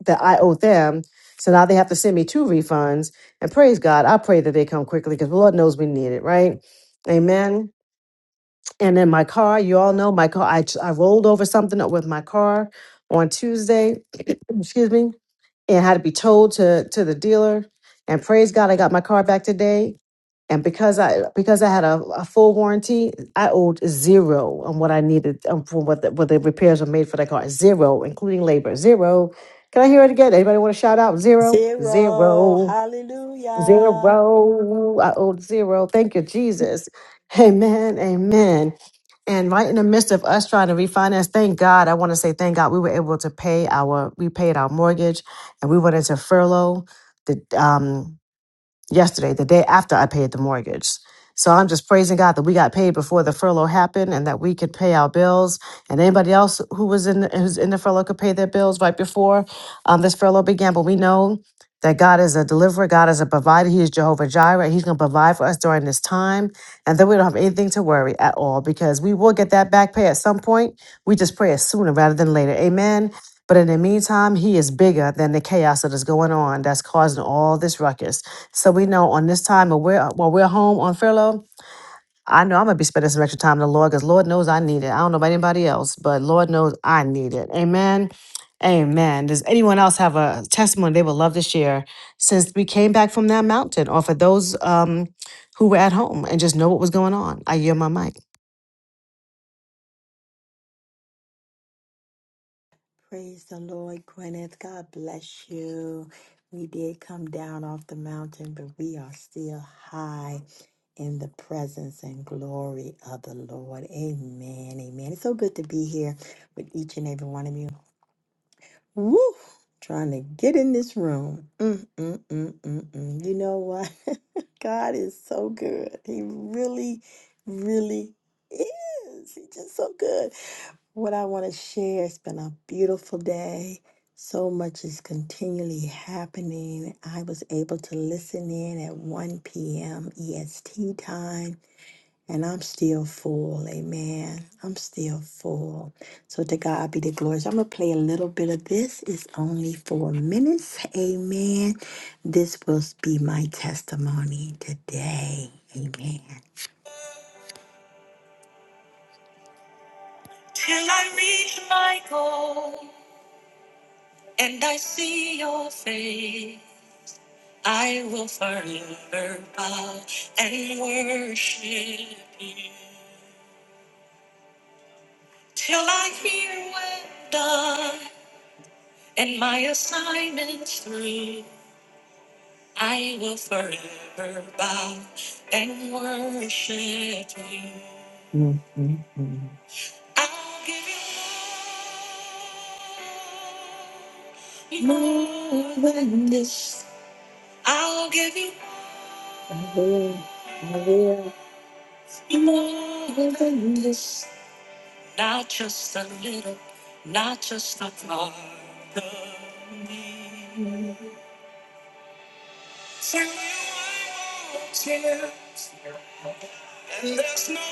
B: that I owed them. So now they have to send me two refunds. And praise God, I pray that they come quickly because the Lord knows we need it, right? Amen. And in my car, you all know my car, I, I rolled over something with my car on Tuesday, excuse me, and had to be told to, to the dealer. And praise God, I got my car back today. And because I because I had a, a full warranty, I owed zero on what I needed um, for what the, what the repairs were made for that car. Zero, including labor. Zero. Can I hear it again? Anybody want to shout out? Zero,
D: Zero.
B: zero.
D: Hallelujah.
B: Zero. I owed zero. Thank you, Jesus. Amen. Amen. And right in the midst of us trying to refinance, thank God, I want to say thank God we were able to pay our, we paid our mortgage and we went into furlough. the. um yesterday, the day after I paid the mortgage. So I'm just praising God that we got paid before the furlough happened and that we could pay our bills. And anybody else who was in who's in the furlough could pay their bills right before um, this furlough began. But we know that God is a deliverer, God is a provider. He is Jehovah Jireh. He's going to provide for us during this time. And then we don't have anything to worry at all because we will get that back pay at some point. We just pray it sooner rather than later. Amen. But in the meantime, he is bigger than the chaos that is going on that's causing all this ruckus. So we know on this time while we're, while we're home on furlough, I know I'm going to be spending some extra time in the Lord because Lord knows I need it. I don't know about anybody else, but Lord knows I need it. Amen. Amen. Does anyone else have a testimony they would love to share since we came back from that mountain or for those um, who were at home and just know what was going on? I yield my mic.
D: Praise the Lord, Gwyneth. God bless you. We did come down off the mountain, but we are still high in the presence and glory of the Lord. Amen. Amen. It's so good to be here with each and every one of you. Woo! Trying to get in this room. Mm, mm, mm, mm, mm. You know what? God is so good. He really, really is. He's just so good. What I want to share, it's been a beautiful day. So much is continually happening. I was able to listen in at 1 p.m. EST time, and I'm still full. Amen. I'm still full. So to God be the glory. So I'm going to play a little bit of this. It's only four minutes. Amen. This will be my testimony today. Amen. Till I reach my goal. and I see your face, I will forever bow and worship you till I hear well done and my assignment's through. I will forever bow and worship you. Mm, mm, mm. I'll give you more more than this. I'll give you. I will, I will. More than this, not just a little, not just a part of me. So I walk here, and there's no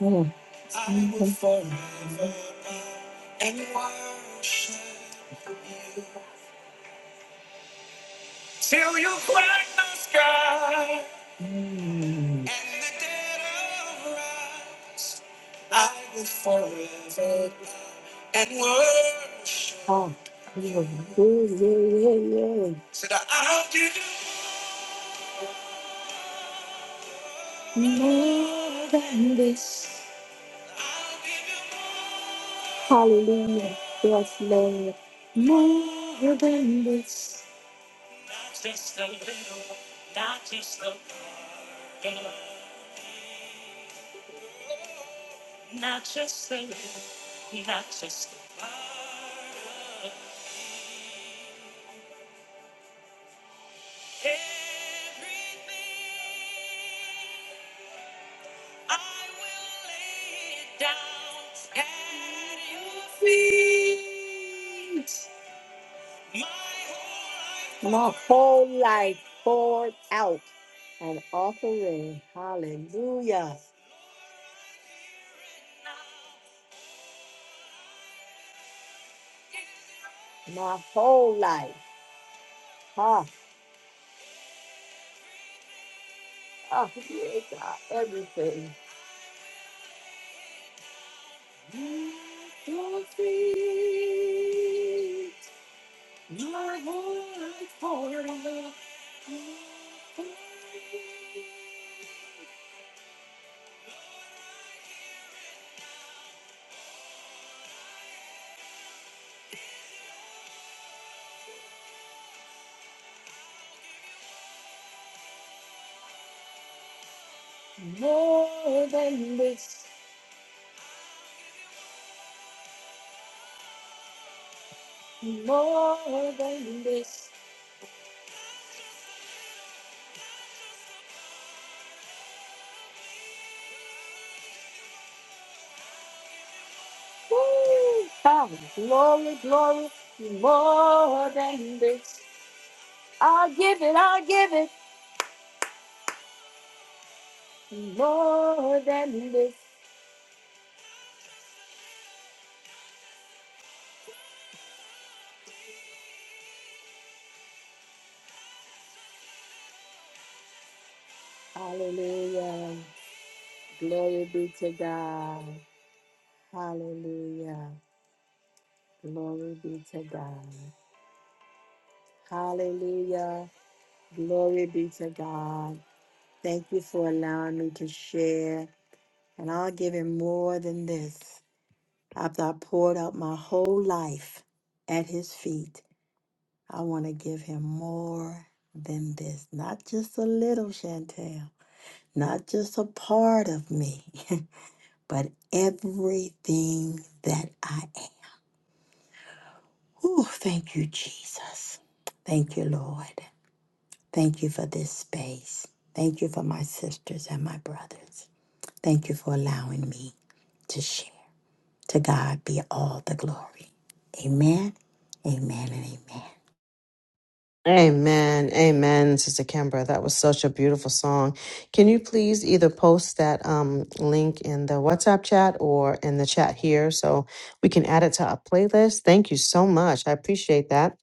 D: more. Mm. I will and worship you till you crack the sky. And the dead arise. I will forever bow and worship. Oh, yeah, yeah, yeah, yeah. Said I'll do more than this. I'll give you Hallelujah. Yes, Lord. More than this. Not just a little, not just a little. Not just a little, not just a part of me. everything. I will lay it down at your feet. My whole life poured out an offering. Hallelujah. my whole life. Ha, ha, yeah, God, everything. You complete my whole life for love. You complete More than this, more than this. Woo! Ah, glory, glory, more than this. I'll give it, I'll give it, more than this. Hallelujah. Glory be to God. Hallelujah. Glory be to God. Hallelujah. Glory be to God. Thank you for allowing me to share. And I'll give him more than this. After I poured out my whole life at his feet. I want to give him more than this. Not just a little, Chantel. Not just a part of me, but everything that I am. Oh, thank you, Jesus. Thank you, Lord. Thank you for this space. Thank you for my sisters and my brothers. Thank you for allowing me to share. To God be all the glory. Amen, amen, and amen.
B: Amen. Amen, Sister Kimbra. That was such a beautiful song. Can you please either post that um, link in the WhatsApp chat or in the chat here so we can add it to our playlist? Thank you so much. I appreciate that.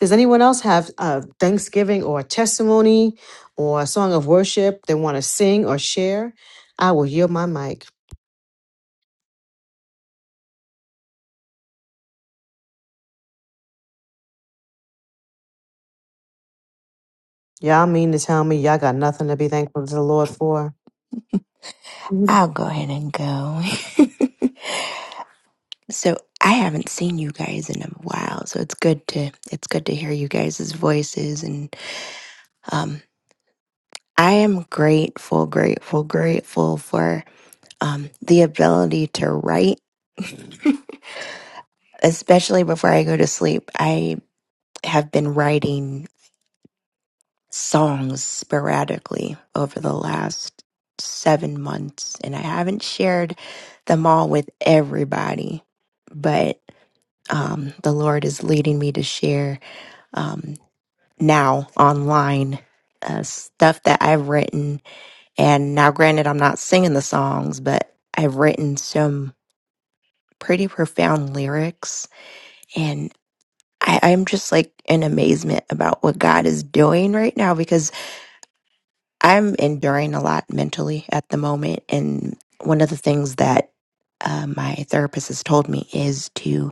B: Does anyone else have uh, Thanksgiving or testimony or a song of worship they want to sing or share? I will yield my mic. Y'all mean to tell me y'all got nothing to be thankful to the Lord for?
H: I'll go ahead and go. So I haven't seen you guys in a while, so it's good to it's good to hear you guys' voices and um I am grateful, grateful, grateful for um the ability to write, especially before I go to sleep. I have been writing songs sporadically over the last 7 months and I haven't shared them all with everybody, but um the Lord is leading me to share Um, now online uh, stuff that I've written. And now, granted, I'm not singing the songs, but I've written some pretty profound lyrics. And I, I'm just like in amazement about what God is doing right now because I'm enduring a lot mentally at the moment. And one of the things that uh, my therapist has told me is to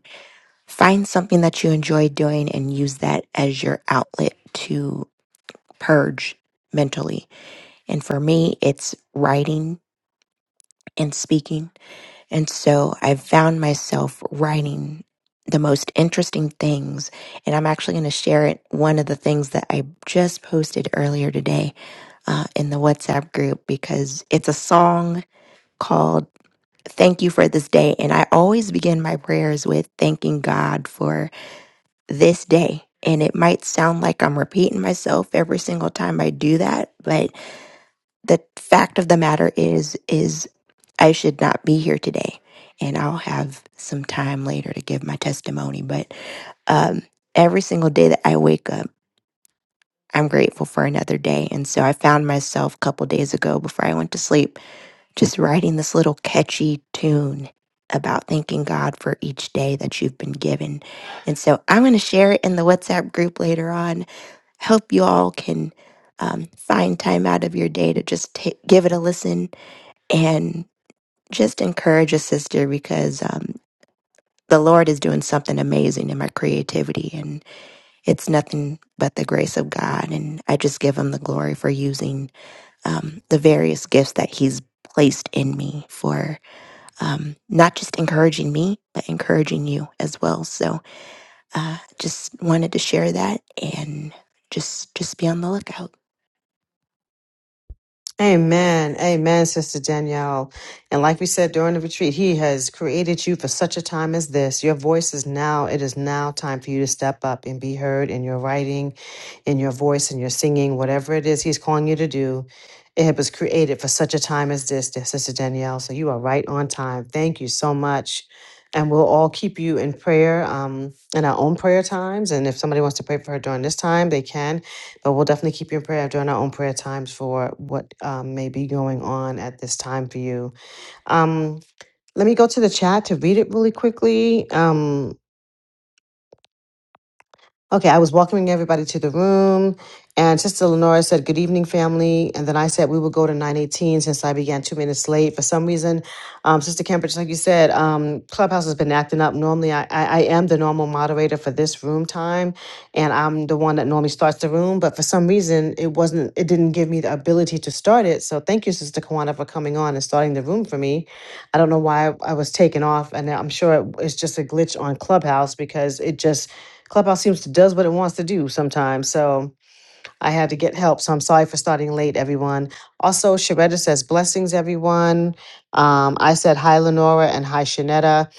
H: find something that you enjoy doing and use that as your outlet to purge mentally And for me, it's writing and speaking. And so I found myself writing the most interesting things. And I'm actually going to share it, one of the things that I just posted earlier today uh, in the WhatsApp group, because it's a song called Thank You for This Day. And I always begin my prayers with thanking God for this day. And it might sound like I'm repeating myself every single time I do that, but the fact of the matter is is I should not be here today and I'll have some time later to give my testimony but um every single day that I wake up I'm grateful for another day and so I found myself a couple days ago before I went to sleep just writing this little catchy tune about thanking God for each day that you've been given. And so I'm going to share it in the WhatsApp group later on. Hope you all can um, find time out of your day to just ta- give it a listen and just encourage a sister because um, the Lord is doing something amazing in my creativity, and it's nothing but the grace of God. And I just give Him the glory for using um, the various gifts that He's placed in me for um, not just encouraging me, but encouraging you as well. So, uh, just wanted to share that and just just be on the lookout.
B: Amen. Amen, Sister Danielle. And like we said during the retreat, He has created you for such a time as this. Your voice is now, it is now time for you to step up and be heard in your writing, in your voice, in your singing, whatever it is He's calling you to do. It was created for such a time as this, dear Sister Danielle. So you are right on time. Thank you so much. And we'll all keep you in prayer um, in our own prayer times. And if somebody wants to pray for her during this time, they can. But we'll definitely keep you in prayer during our own prayer times for what um, may be going on at this time for you. Um, let me go to the chat to read it really quickly. Um, Okay, I was welcoming everybody to the room, and Sister Lenora said, Good evening, family. And then I said, We will go to 918 since I began two minutes late. For some reason, um, Sister Kemper, just like you said, um, Clubhouse has been acting up. Normally, I, I, I am the normal moderator for this room time, and I'm the one that normally starts the room. But for some reason, it wasn't, it didn't give me the ability to start it. So thank you, Sister Kawana, for coming on and starting the room for me. I don't know why I was taken off, and I'm sure it, it's just a glitch on Clubhouse because it just, Clubhouse seems to does what it wants to do sometimes. So I had to get help. So I'm sorry for starting late, everyone. Also, Sharetta says blessings, everyone. Um, I said hi, Lenora, and hi, Shanetta.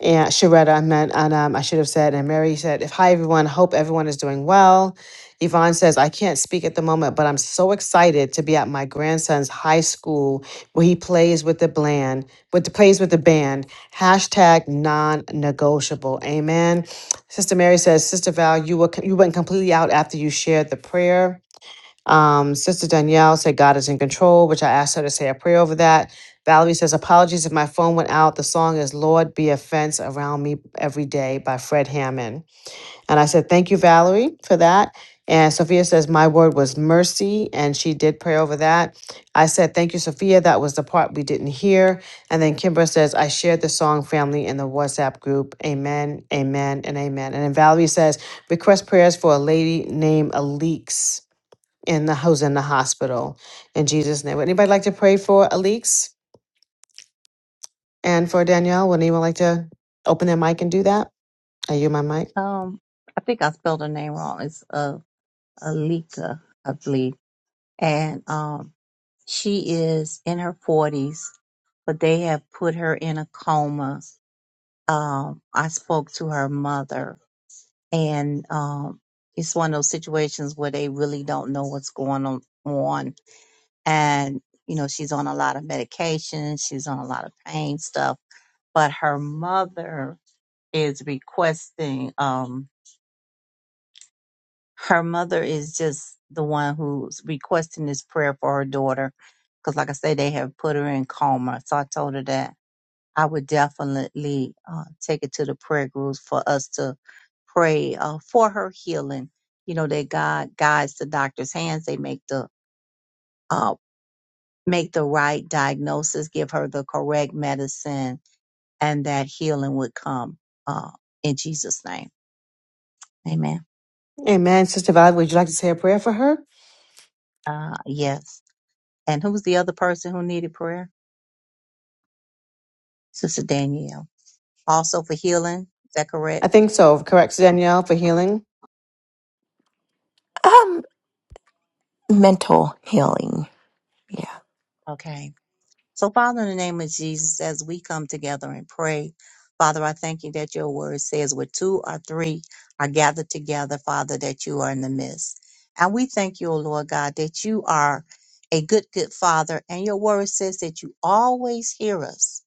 B: And Sharetta, I meant, and um, I should have said, and Mary said, if hi, everyone, hope everyone is doing well. Yvonne says, I can't speak at the moment, but I'm so excited to be at my grandson's high school where he plays with the bland, with the plays with the band. Hashtag non-negotiable. Amen. Sister Mary says, Sister Val, you were you went completely out after you shared the prayer. Um, Sister Danielle said, God is in control, which I asked her to say a prayer over that. Valerie says, apologies if my phone went out. The song is Lord Be a Fence Around Me Every Day by Fred Hammond. And I said, Thank you, Valerie, for that. And Sophia says, My word was mercy. And she did pray over that. I said, Thank you, Sophia. That was the part we didn't hear. And then Kimbra says, I shared the song family in the WhatsApp group. Amen, amen, and amen. And then Valerie says, Request prayers for a lady named Alix in the who's in the hospital. In Jesus' name. Would anybody like to pray for Alix and for Danielle? Would anyone like to open their mic and do that? Are you my mic?
E: Um, I think I spelled her name wrong. It's uh, Alika, I believe. And um, She is in her 40s, but they have put her in a coma. Um, I spoke to her mother, and um, it's one of those situations where they really don't know what's going on. on. And, you know, she's on a lot of medication, she's on a lot of pain stuff, but her mother is requesting, um, her mother is just the one who's requesting this prayer for her daughter. Because, like I say, they have put her in coma. So I told her that. I would definitely uh, take it to the prayer groups for us to pray uh, for her healing. You know that God guides the doctor's hands; they make the uh, make the right diagnosis, give her the correct medicine, and that healing would come uh, in Jesus' name. Amen.
B: Amen. Sister Valerie, would you like to say a prayer for her?
E: Uh, yes. And who's the other person who needed prayer? Sister Danielle, also for healing. Is that correct?
B: I think so. Correct, Danielle, for healing.
H: Um, mental healing. yeah.
E: Okay. So, Father, in the name of Jesus, as we come together and pray, Father, I thank you that your word says where two or three are gathered together, Father, that you are in the midst. And we thank you, O Lord God, that you are a good, good Father. And your word says that you always hear us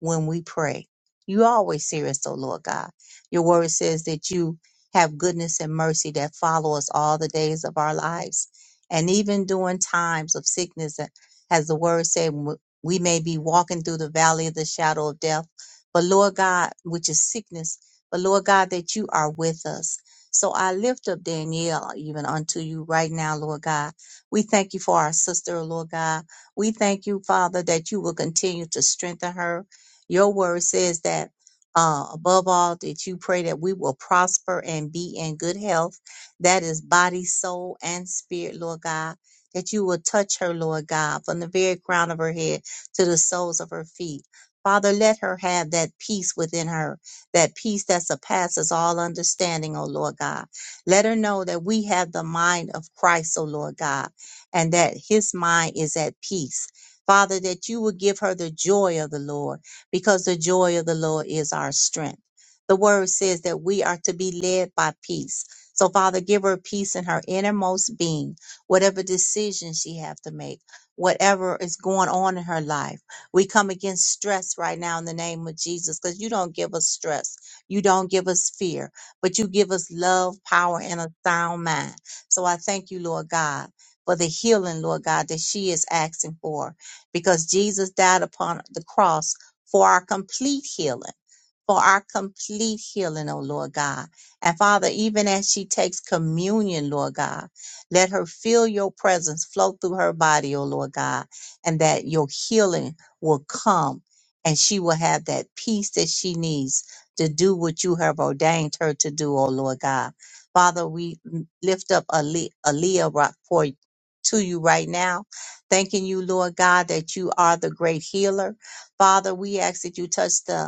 E: when we pray. You always hear us, O Lord God. Your word says that you have goodness and mercy that follow us all the days of our lives. And even during times of sickness and as the word said we may be walking through the valley of the shadow of death, but Lord God, which is sickness, but Lord God, that you are with us. So I lift up Danielle even unto you right now, Lord God. We thank you for our sister, Lord God. We thank you, Father, that you will continue to strengthen her. Your word says that uh, above all, that you pray that we will prosper and be in good health. That is body, soul, and spirit, Lord God. That you will touch her, Lord God, from the very crown of her head to the soles of her feet. Father, let her have that peace within her, that peace that surpasses all understanding, O Lord God. Let her know that we have the mind of Christ, O Lord God, and that his mind is at peace. Father, that you would give her the joy of the Lord, because the joy of the Lord is our strength. The word says that we are to be led by peace. So, Father, give her peace in her innermost being, whatever decision she have to make whatever is going on in her life. We come against stress right now in the name of Jesus because you don't give us stress. You don't give us fear, but you give us love, power, and a sound mind. So I thank you, Lord God, for the healing, Lord God, that she is asking for because Jesus died upon the cross for our complete healing for our complete healing, oh Lord God. And Father, even as she takes communion, Lord God, let her feel your presence flow through her body, oh Lord God, and that your healing will come and she will have that peace that she needs to do what you have ordained her to do, oh Lord God. Father, we lift up Ale- Aaliyah right for to you right now, thanking you, Lord God, that you are the great healer. Father, we ask that you touch the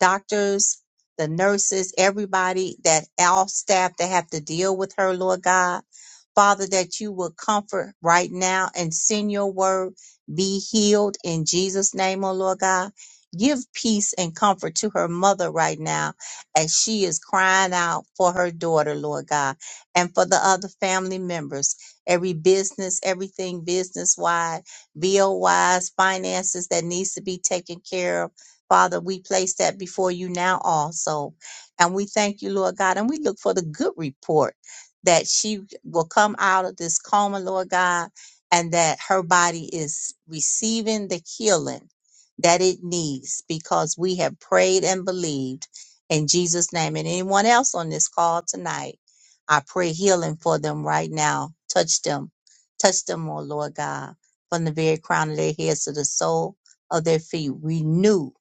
E: doctors, the nurses, everybody that all staff that have to deal with her, Lord God. Father, that you will comfort right now and send your word, be healed in Jesus' name, oh Lord God. Give peace and comfort to her mother right now as she is crying out for her daughter, Lord God, and for the other family members. Every business, everything business wide, bill wise, finances that needs to be taken care of Father, we place that before you now also. And we thank you, Lord God, and we look for the good report that she will come out of this coma, Lord God, and that her body is receiving the healing that it needs because we have prayed and believed in Jesus' name. And anyone else on this call tonight, I pray healing for them right now. Touch them. Touch them, oh Lord God, from the very crown of their heads to the sole of their feet. Renew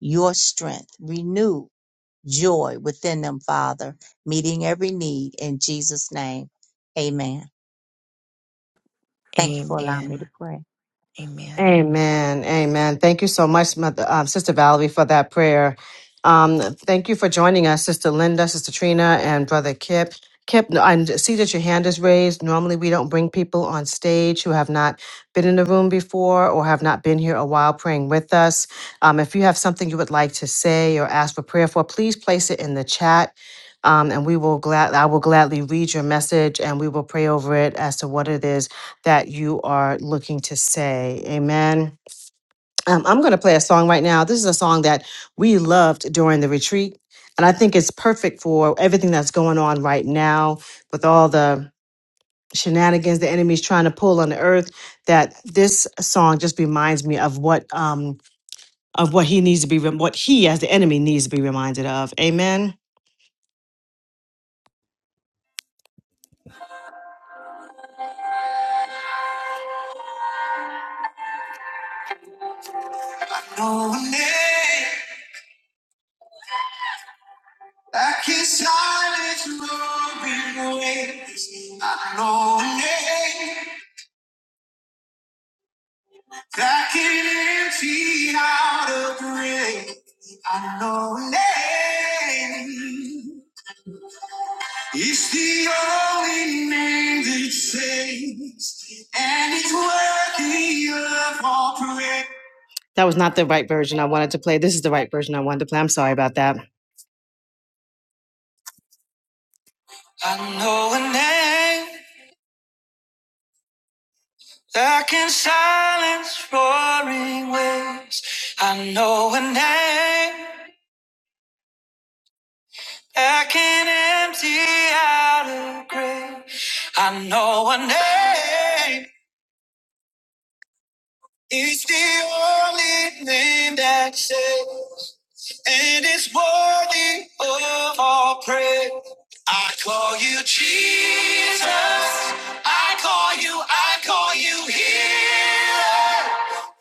E: your strength. Renew joy within them, Father, meeting every need in Jesus' name. Amen. Thank you for allowing me to
H: Amen.
E: pray.
H: Amen.
B: Amen. Amen. Thank you so much, Mother, um, Sister Valerie, for that prayer. Um, thank you for joining us, Sister Linda, Sister Trina, and Brother Kip. Kip, no, I see that your hand is raised. Normally, we don't bring people on stage who have not been in the room before or have not been here a while praying with us. Um, if you have something you would like to say or ask for prayer for, please place it in the chat. Um, and we will glad I will gladly read your message and we will pray over it as to what it is that you are looking to say. Amen. Um, I'm going to play a song right now. This is a song that we loved during the retreat. And I think it's perfect for everything that's going on right now with all the shenanigans the enemy's trying to pull on the earth. That this song just reminds me of what um, of what he needs to be, what he as the enemy needs to be reminded of. Amen. Oh, name that can silence roaring waves. I know a name. That can empty out a grave. I know a name. It's the only name that saves, and it's worthy of all praise. That was not the right version I wanted to play. This is the right version I wanted to play. I'm sorry about that. I know a name that can silence roaring waves. I know a name. I can empty out a grave. I know a name. It's the only name that saves, and it's worthy of all praise. I call you Jesus. I call you. I call you healer,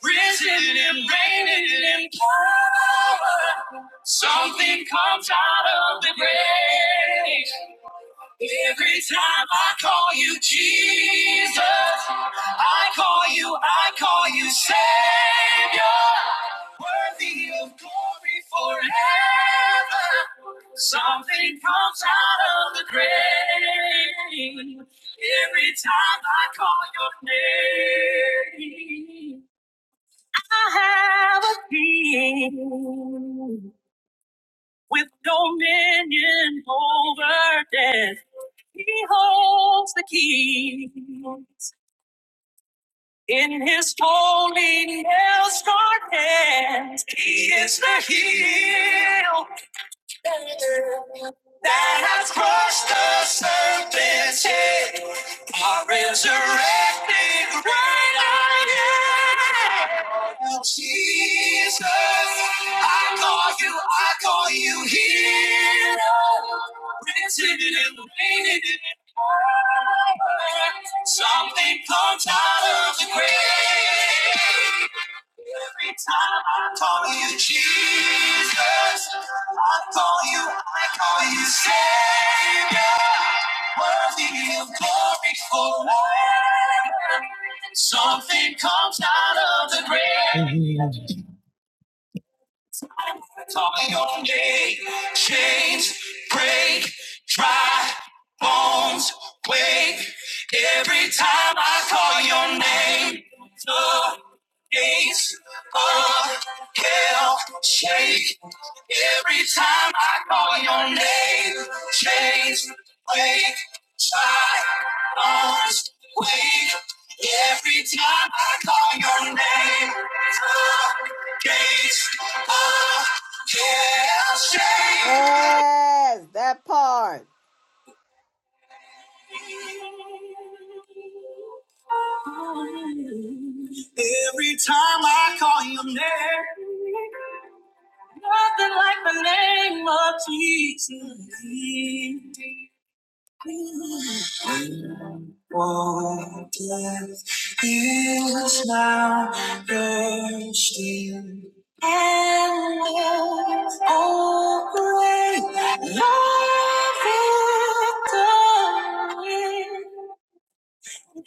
B: risen and reigning in power. Something comes out of the grave. Every time I call you Jesus, I call you, I call you Savior, worthy of glory forever. Something comes out of the grave every time I call your name. I have a being with dominion over death. He holds the keys in his holy nail scarred hands. He is the heel that has crushed the serpent's head are resurrected right now. Jesus, I call you, I call you hero. Risen and reigning in power. Something comes out of the grave. Every time I call you Jesus, I call you, I call you Savior, worthy of glory forever. Something comes out of the grave. Calling your name, chains break, dry bones wake. Every time I call your name, the gates of hell shake. Every time I call your name, chains break. Silence, wait. Every time I call your name, the gates of hell shake.
D: Yes, that part.
B: Every time I call your name, nothing like the name of Jesus. Oh, death is now bursting, and with all great love victory.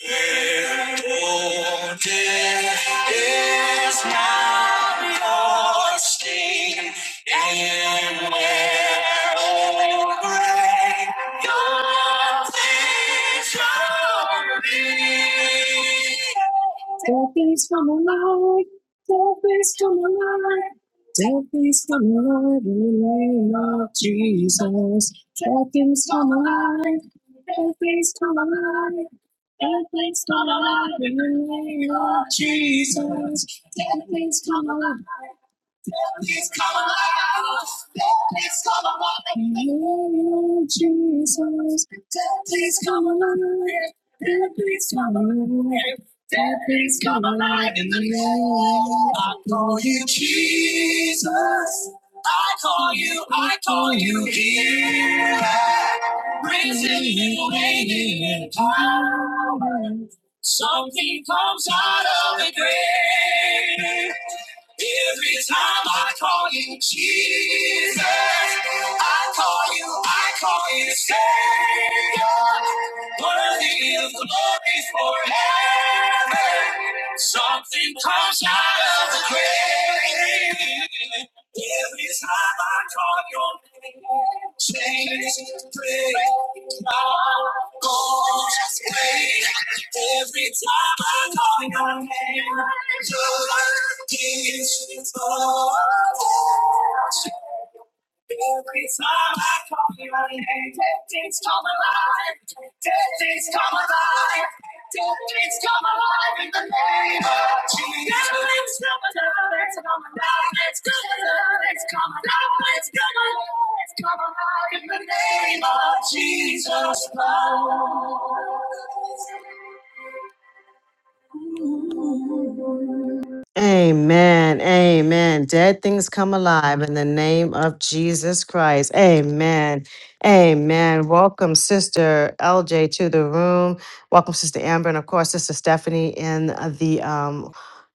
B: Oh, death is now your sting, and where, oh, great God is your name. Death is from the Lord, death is from the Lord, death is from the Lord. For you, Jesus. I call you here, waiting in time of the grave. Every time I call you Jesus, I call you, I call you Savior, worthy of glory forever. Something comes out of the grave. Every time I call your name, chains break. My bones break. Every time I call your name, joy is full. Every time I call your name, dead things come alive. Dead things come alive. Dead things come alive in the name of Jesus. Dead things come alive. It's come alive. It's come alive. It's come alive. It's come alive. It's come alive in the name of Jesus Christ. Ooh. Amen. Amen. Dead things come alive in the name of Jesus Christ. Amen. Amen. Welcome, Sister LJ, to the room. Welcome, Sister Amber, and of course, Sister Stephanie in the um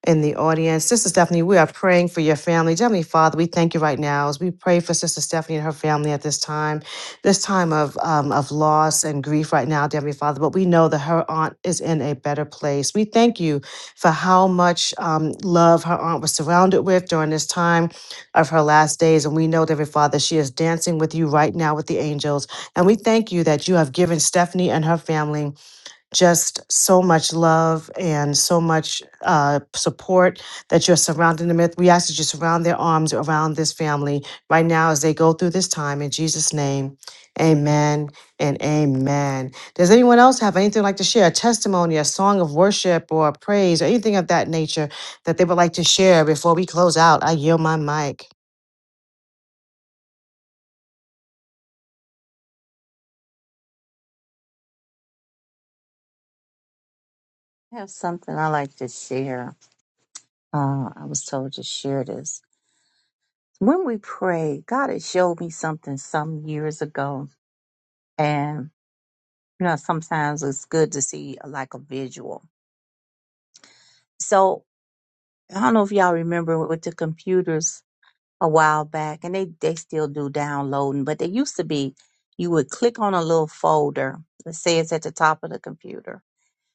B: in the audience. Sister Stephanie, we are praying for your family. Dear Heavenly Father, we thank you right now as we pray for Sister Stephanie and her family at this time, this time of um, of loss and grief right now, dear Heavenly Father. But we know that her aunt is in a better place. We thank you for how much um, love her aunt was surrounded with during this time of her last days. And we know, dear Father, she is dancing with you right now with the angels. And we thank you that you have given Stephanie and her family just so much love and so much uh, support that you're surrounding them with. We ask that you surround their arms around this family right now as they go through this time. In Jesus' name, amen and amen. Does anyone else have anything like to share? A testimony, a song of worship or praise, or anything of that nature that they would like to share before we close out? I yield my mic.
E: I have something I like to share. Uh, I was told to share this. When we pray, God has showed me something some years ago. And, you know, sometimes it's good to see uh, like a visual. So I don't know if y'all remember with the computers, a while back, and they they still do downloading, but they used to be you would click on a little folder, let's say it's at the top of the computer,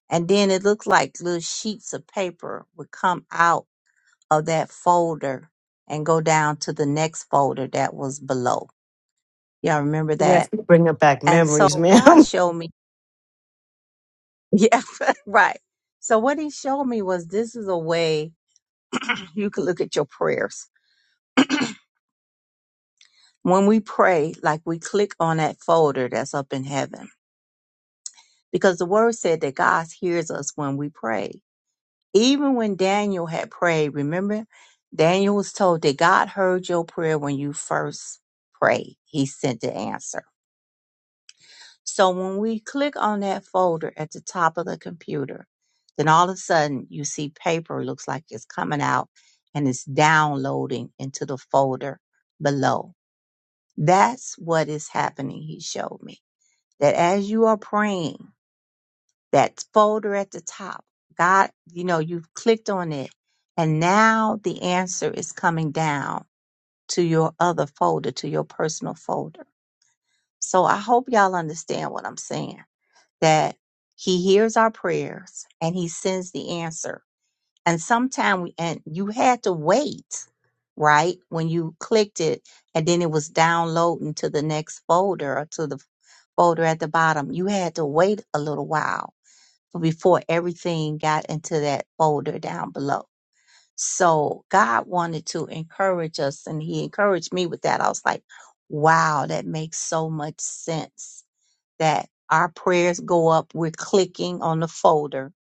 E: and then it looked like little sheets of paper would come out of that folder and go down to the next folder that was below. Y'all remember that?
B: Yes, bringing back
E: And so
B: memories, ma'am.
E: God showed me, yeah, right. So what He showed me was this is a way you could look at your prayers. when we pray, like we click on that folder that's up in heaven because the word said that God hears us when we pray. Even when Daniel had prayed, remember, Daniel was told that God heard your prayer when you first prayed. He sent the answer. So when we click on that folder at the top of the computer, then all of a sudden you see paper looks like it's coming out and it's downloading into the folder below. That's what is happening, he showed me. That as you are praying, that folder at the top. God, you know, you've clicked on it and now the answer is coming down to your other folder, to your personal folder. So I hope y'all understand what I'm saying that he hears our prayers and he sends the answer. And sometime we, and you had to wait, right? When you clicked it and then it was downloading to the next folder or to the folder at the bottom, you had to wait a little while before everything got into that folder down below. So God wanted to encourage us, and He encouraged me with that. I was like, wow, that makes so much sense that our prayers go up, we're clicking on the folder,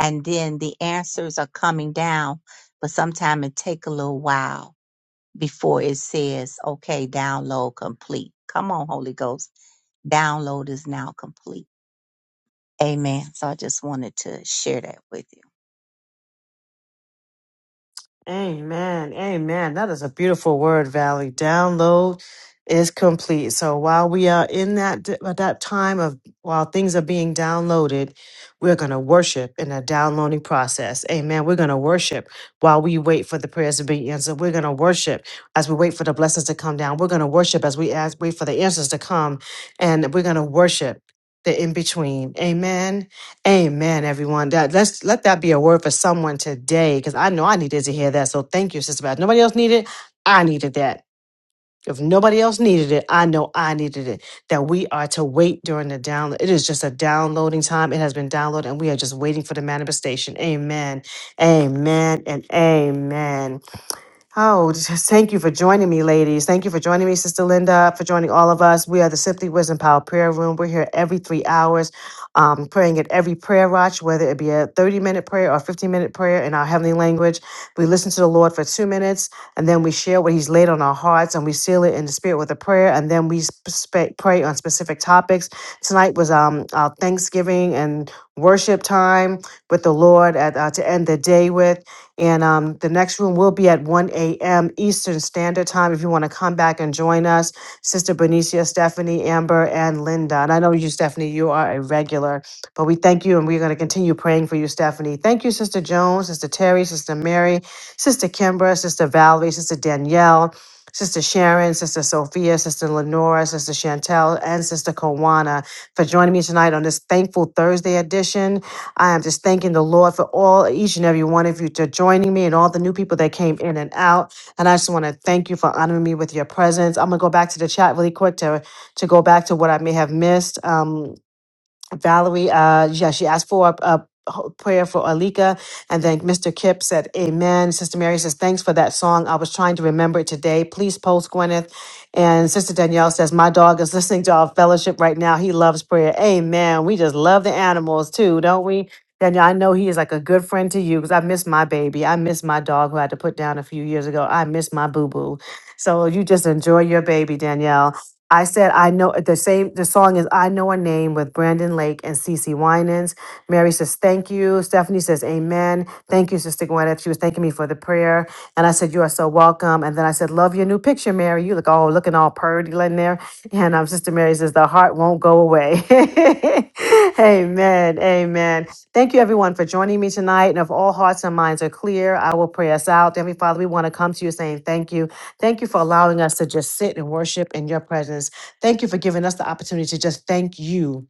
E: and then the answers are coming down. But sometimes it take a little while before it says, okay, download complete. Come on, Holy Ghost. Download is now complete. Amen. So I just wanted to share that with you.
B: Amen. Amen. That is a beautiful word, Valley. Download is complete. So while we are in that at that time of while things are being downloaded, we're going to worship in a downloading process. Amen. We're going to worship while we wait for the prayers to be answered. We're going to worship as we wait for the blessings to come down. We're going to worship as we ask wait for the answers to come and we're going to worship the in between. Amen. Amen, everyone. That let's let that be a word for someone today, because I know I needed to hear that. So thank you, Sister Beth. Nobody else needed. it, I needed that. If nobody else needed it, I know I needed it. That we are to wait during the download. It is just a downloading time. It has been downloaded, and we are just waiting for the manifestation. Amen. Amen. And amen. Oh, just thank you for joining me, ladies. Thank you for joining me, Sister Linda, for joining all of us. We are the Simply Wisdom Power Prayer Room. We're here every three hours, um, praying at every prayer watch, whether it be a 30 minute prayer or 15 minute prayer in our heavenly language. We listen to the Lord for two minutes, and then we share what He's laid on our hearts, and we seal it in the Spirit with a prayer, and then we sp- sp- pray on specific topics. Tonight was um, our Thanksgiving and worship time with the Lord at, uh, to end the day with. And um, the next room will be at 1 a.m. Eastern Standard Time. If you want to come back and join us, Sister Benicia, Stephanie, Amber, and Linda. And I know you, Stephanie, you are a regular, but we thank you and we're going to continue praying for you, Stephanie. Thank you, Sister Jones, Sister Terry, Sister Mary, Sister Kimbra, Sister Valerie, Sister Danielle. Sister Sharon, Sister Sophia, Sister Lenora, Sister Chantel, and Sister Kawana for joining me tonight on this thankful Thursday edition. I am just thanking the Lord for all, each and every one of you to joining me and all the new people that came in and out. And I just want to thank you for honoring me with your presence. I'm gonna go back to the chat really quick to to go back to what I may have missed. Um, Valerie, uh, yeah, she asked for a, a prayer for Alika, and then Mr. Kip said, "Amen." Sister Mary says, "Thanks for that song. I was trying to remember it today. Please post Gwyneth." And Sister Danielle says, "My dog is listening to our fellowship right now. He loves prayer. Amen. We just love the animals too, don't we?" Danielle, I know he is like a good friend to you because I miss my baby. I miss my dog who I had to put down a few years ago. I miss my boo boo. So you just enjoy your baby, Danielle. I said I know the same the song is I Know a Name with Brandon Lake and Cece Winans. Mary says, Thank you. Stephanie says, Amen. Thank you, Sister Gwyneth. She was thanking me for the prayer. And I said, You are so welcome. And then I said, Love your new picture, Mary. You look all looking all purdy in there. And um, Sister Mary says, The heart won't go away. amen. Amen. Thank you everyone for joining me tonight. And if all hearts and minds are clear, I will pray us out. Heavenly Father, we want to come to you saying thank you. Thank you for allowing us to just sit and worship in your presence. Thank you for giving us the opportunity to just thank you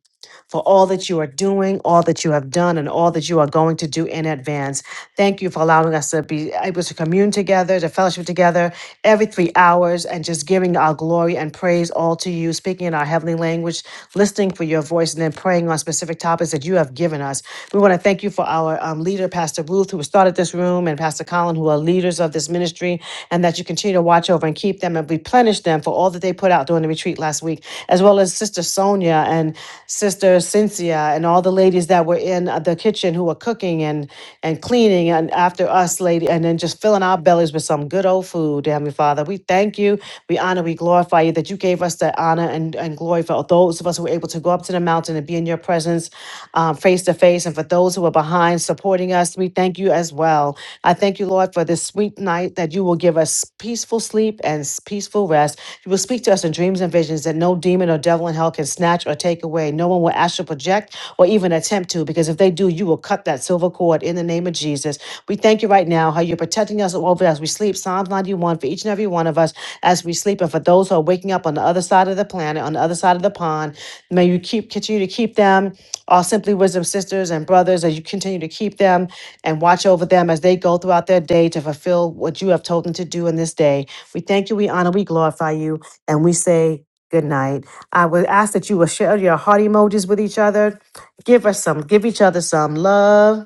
B: for all that you are doing, all that you have done, and all that you are going to do in advance. Thank you for allowing us to be able to commune together, to fellowship together every three hours, and just giving our glory and praise all to you, speaking in our heavenly language, listening for your voice, and then praying on specific topics that you have given us. We want to thank you for our um, leader, Pastor Ruth, who started this room, and Pastor Colin, who are leaders of this ministry and that you continue to watch over and keep them and replenish them for all that they put out during the retreat last week, as well as Sister Sonia and Sister Cynthia and all the ladies that were in uh, the kitchen who were cooking and and cleaning and after us, lady, and then just filling our bellies with some good old food, dear Heavenly Father. We thank you, we honor, we glorify you that you gave us the honor and, and glory for those of us who were able to go up to the mountain and be in your presence um, face to face, and for those who are behind supporting us, we thank you as well. I thank you, Lord, for this sweet night that you will give us peaceful sleep and s- peaceful rest. You will speak to us in dreams and visions that no demon or devil in hell can snatch or take away. No one will astral project or even attempt to, because if they do, you will cut that silver cord in the name of Jesus. We thank you right now how you're protecting us over as we sleep. Psalms 91 for each and every one of us as we sleep, and for those who are waking up on the other side of the planet, on the other side of the pond, may you keep continue to keep them, our Simply Wisdom sisters and brothers, as you continue to keep them and watch over them as they go throughout their day to fulfill what you have told them to do in this day. We thank you, we honor, we glorify you, and we say good night. I would ask that you will share your heart emojis with each other. Give us some, give each other some love.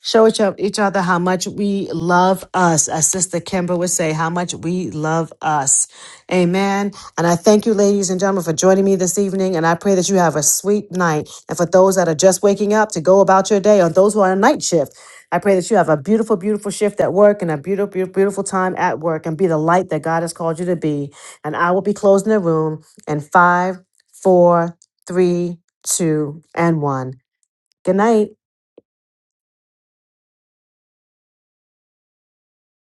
B: Show each, o- each other how much we love us, as Sister Kimber would say, how much we love us. Amen. And I thank you, ladies and gentlemen, for joining me this evening. And I pray that you have a sweet night. And for those that are just waking up to go about your day, or those who are on night shift, I pray that you have a beautiful, beautiful shift at work and a beautiful, beautiful, beautiful time at work and be the light that God has called you to be. And I will be closing the room in five, four, three, two, and one. Good night.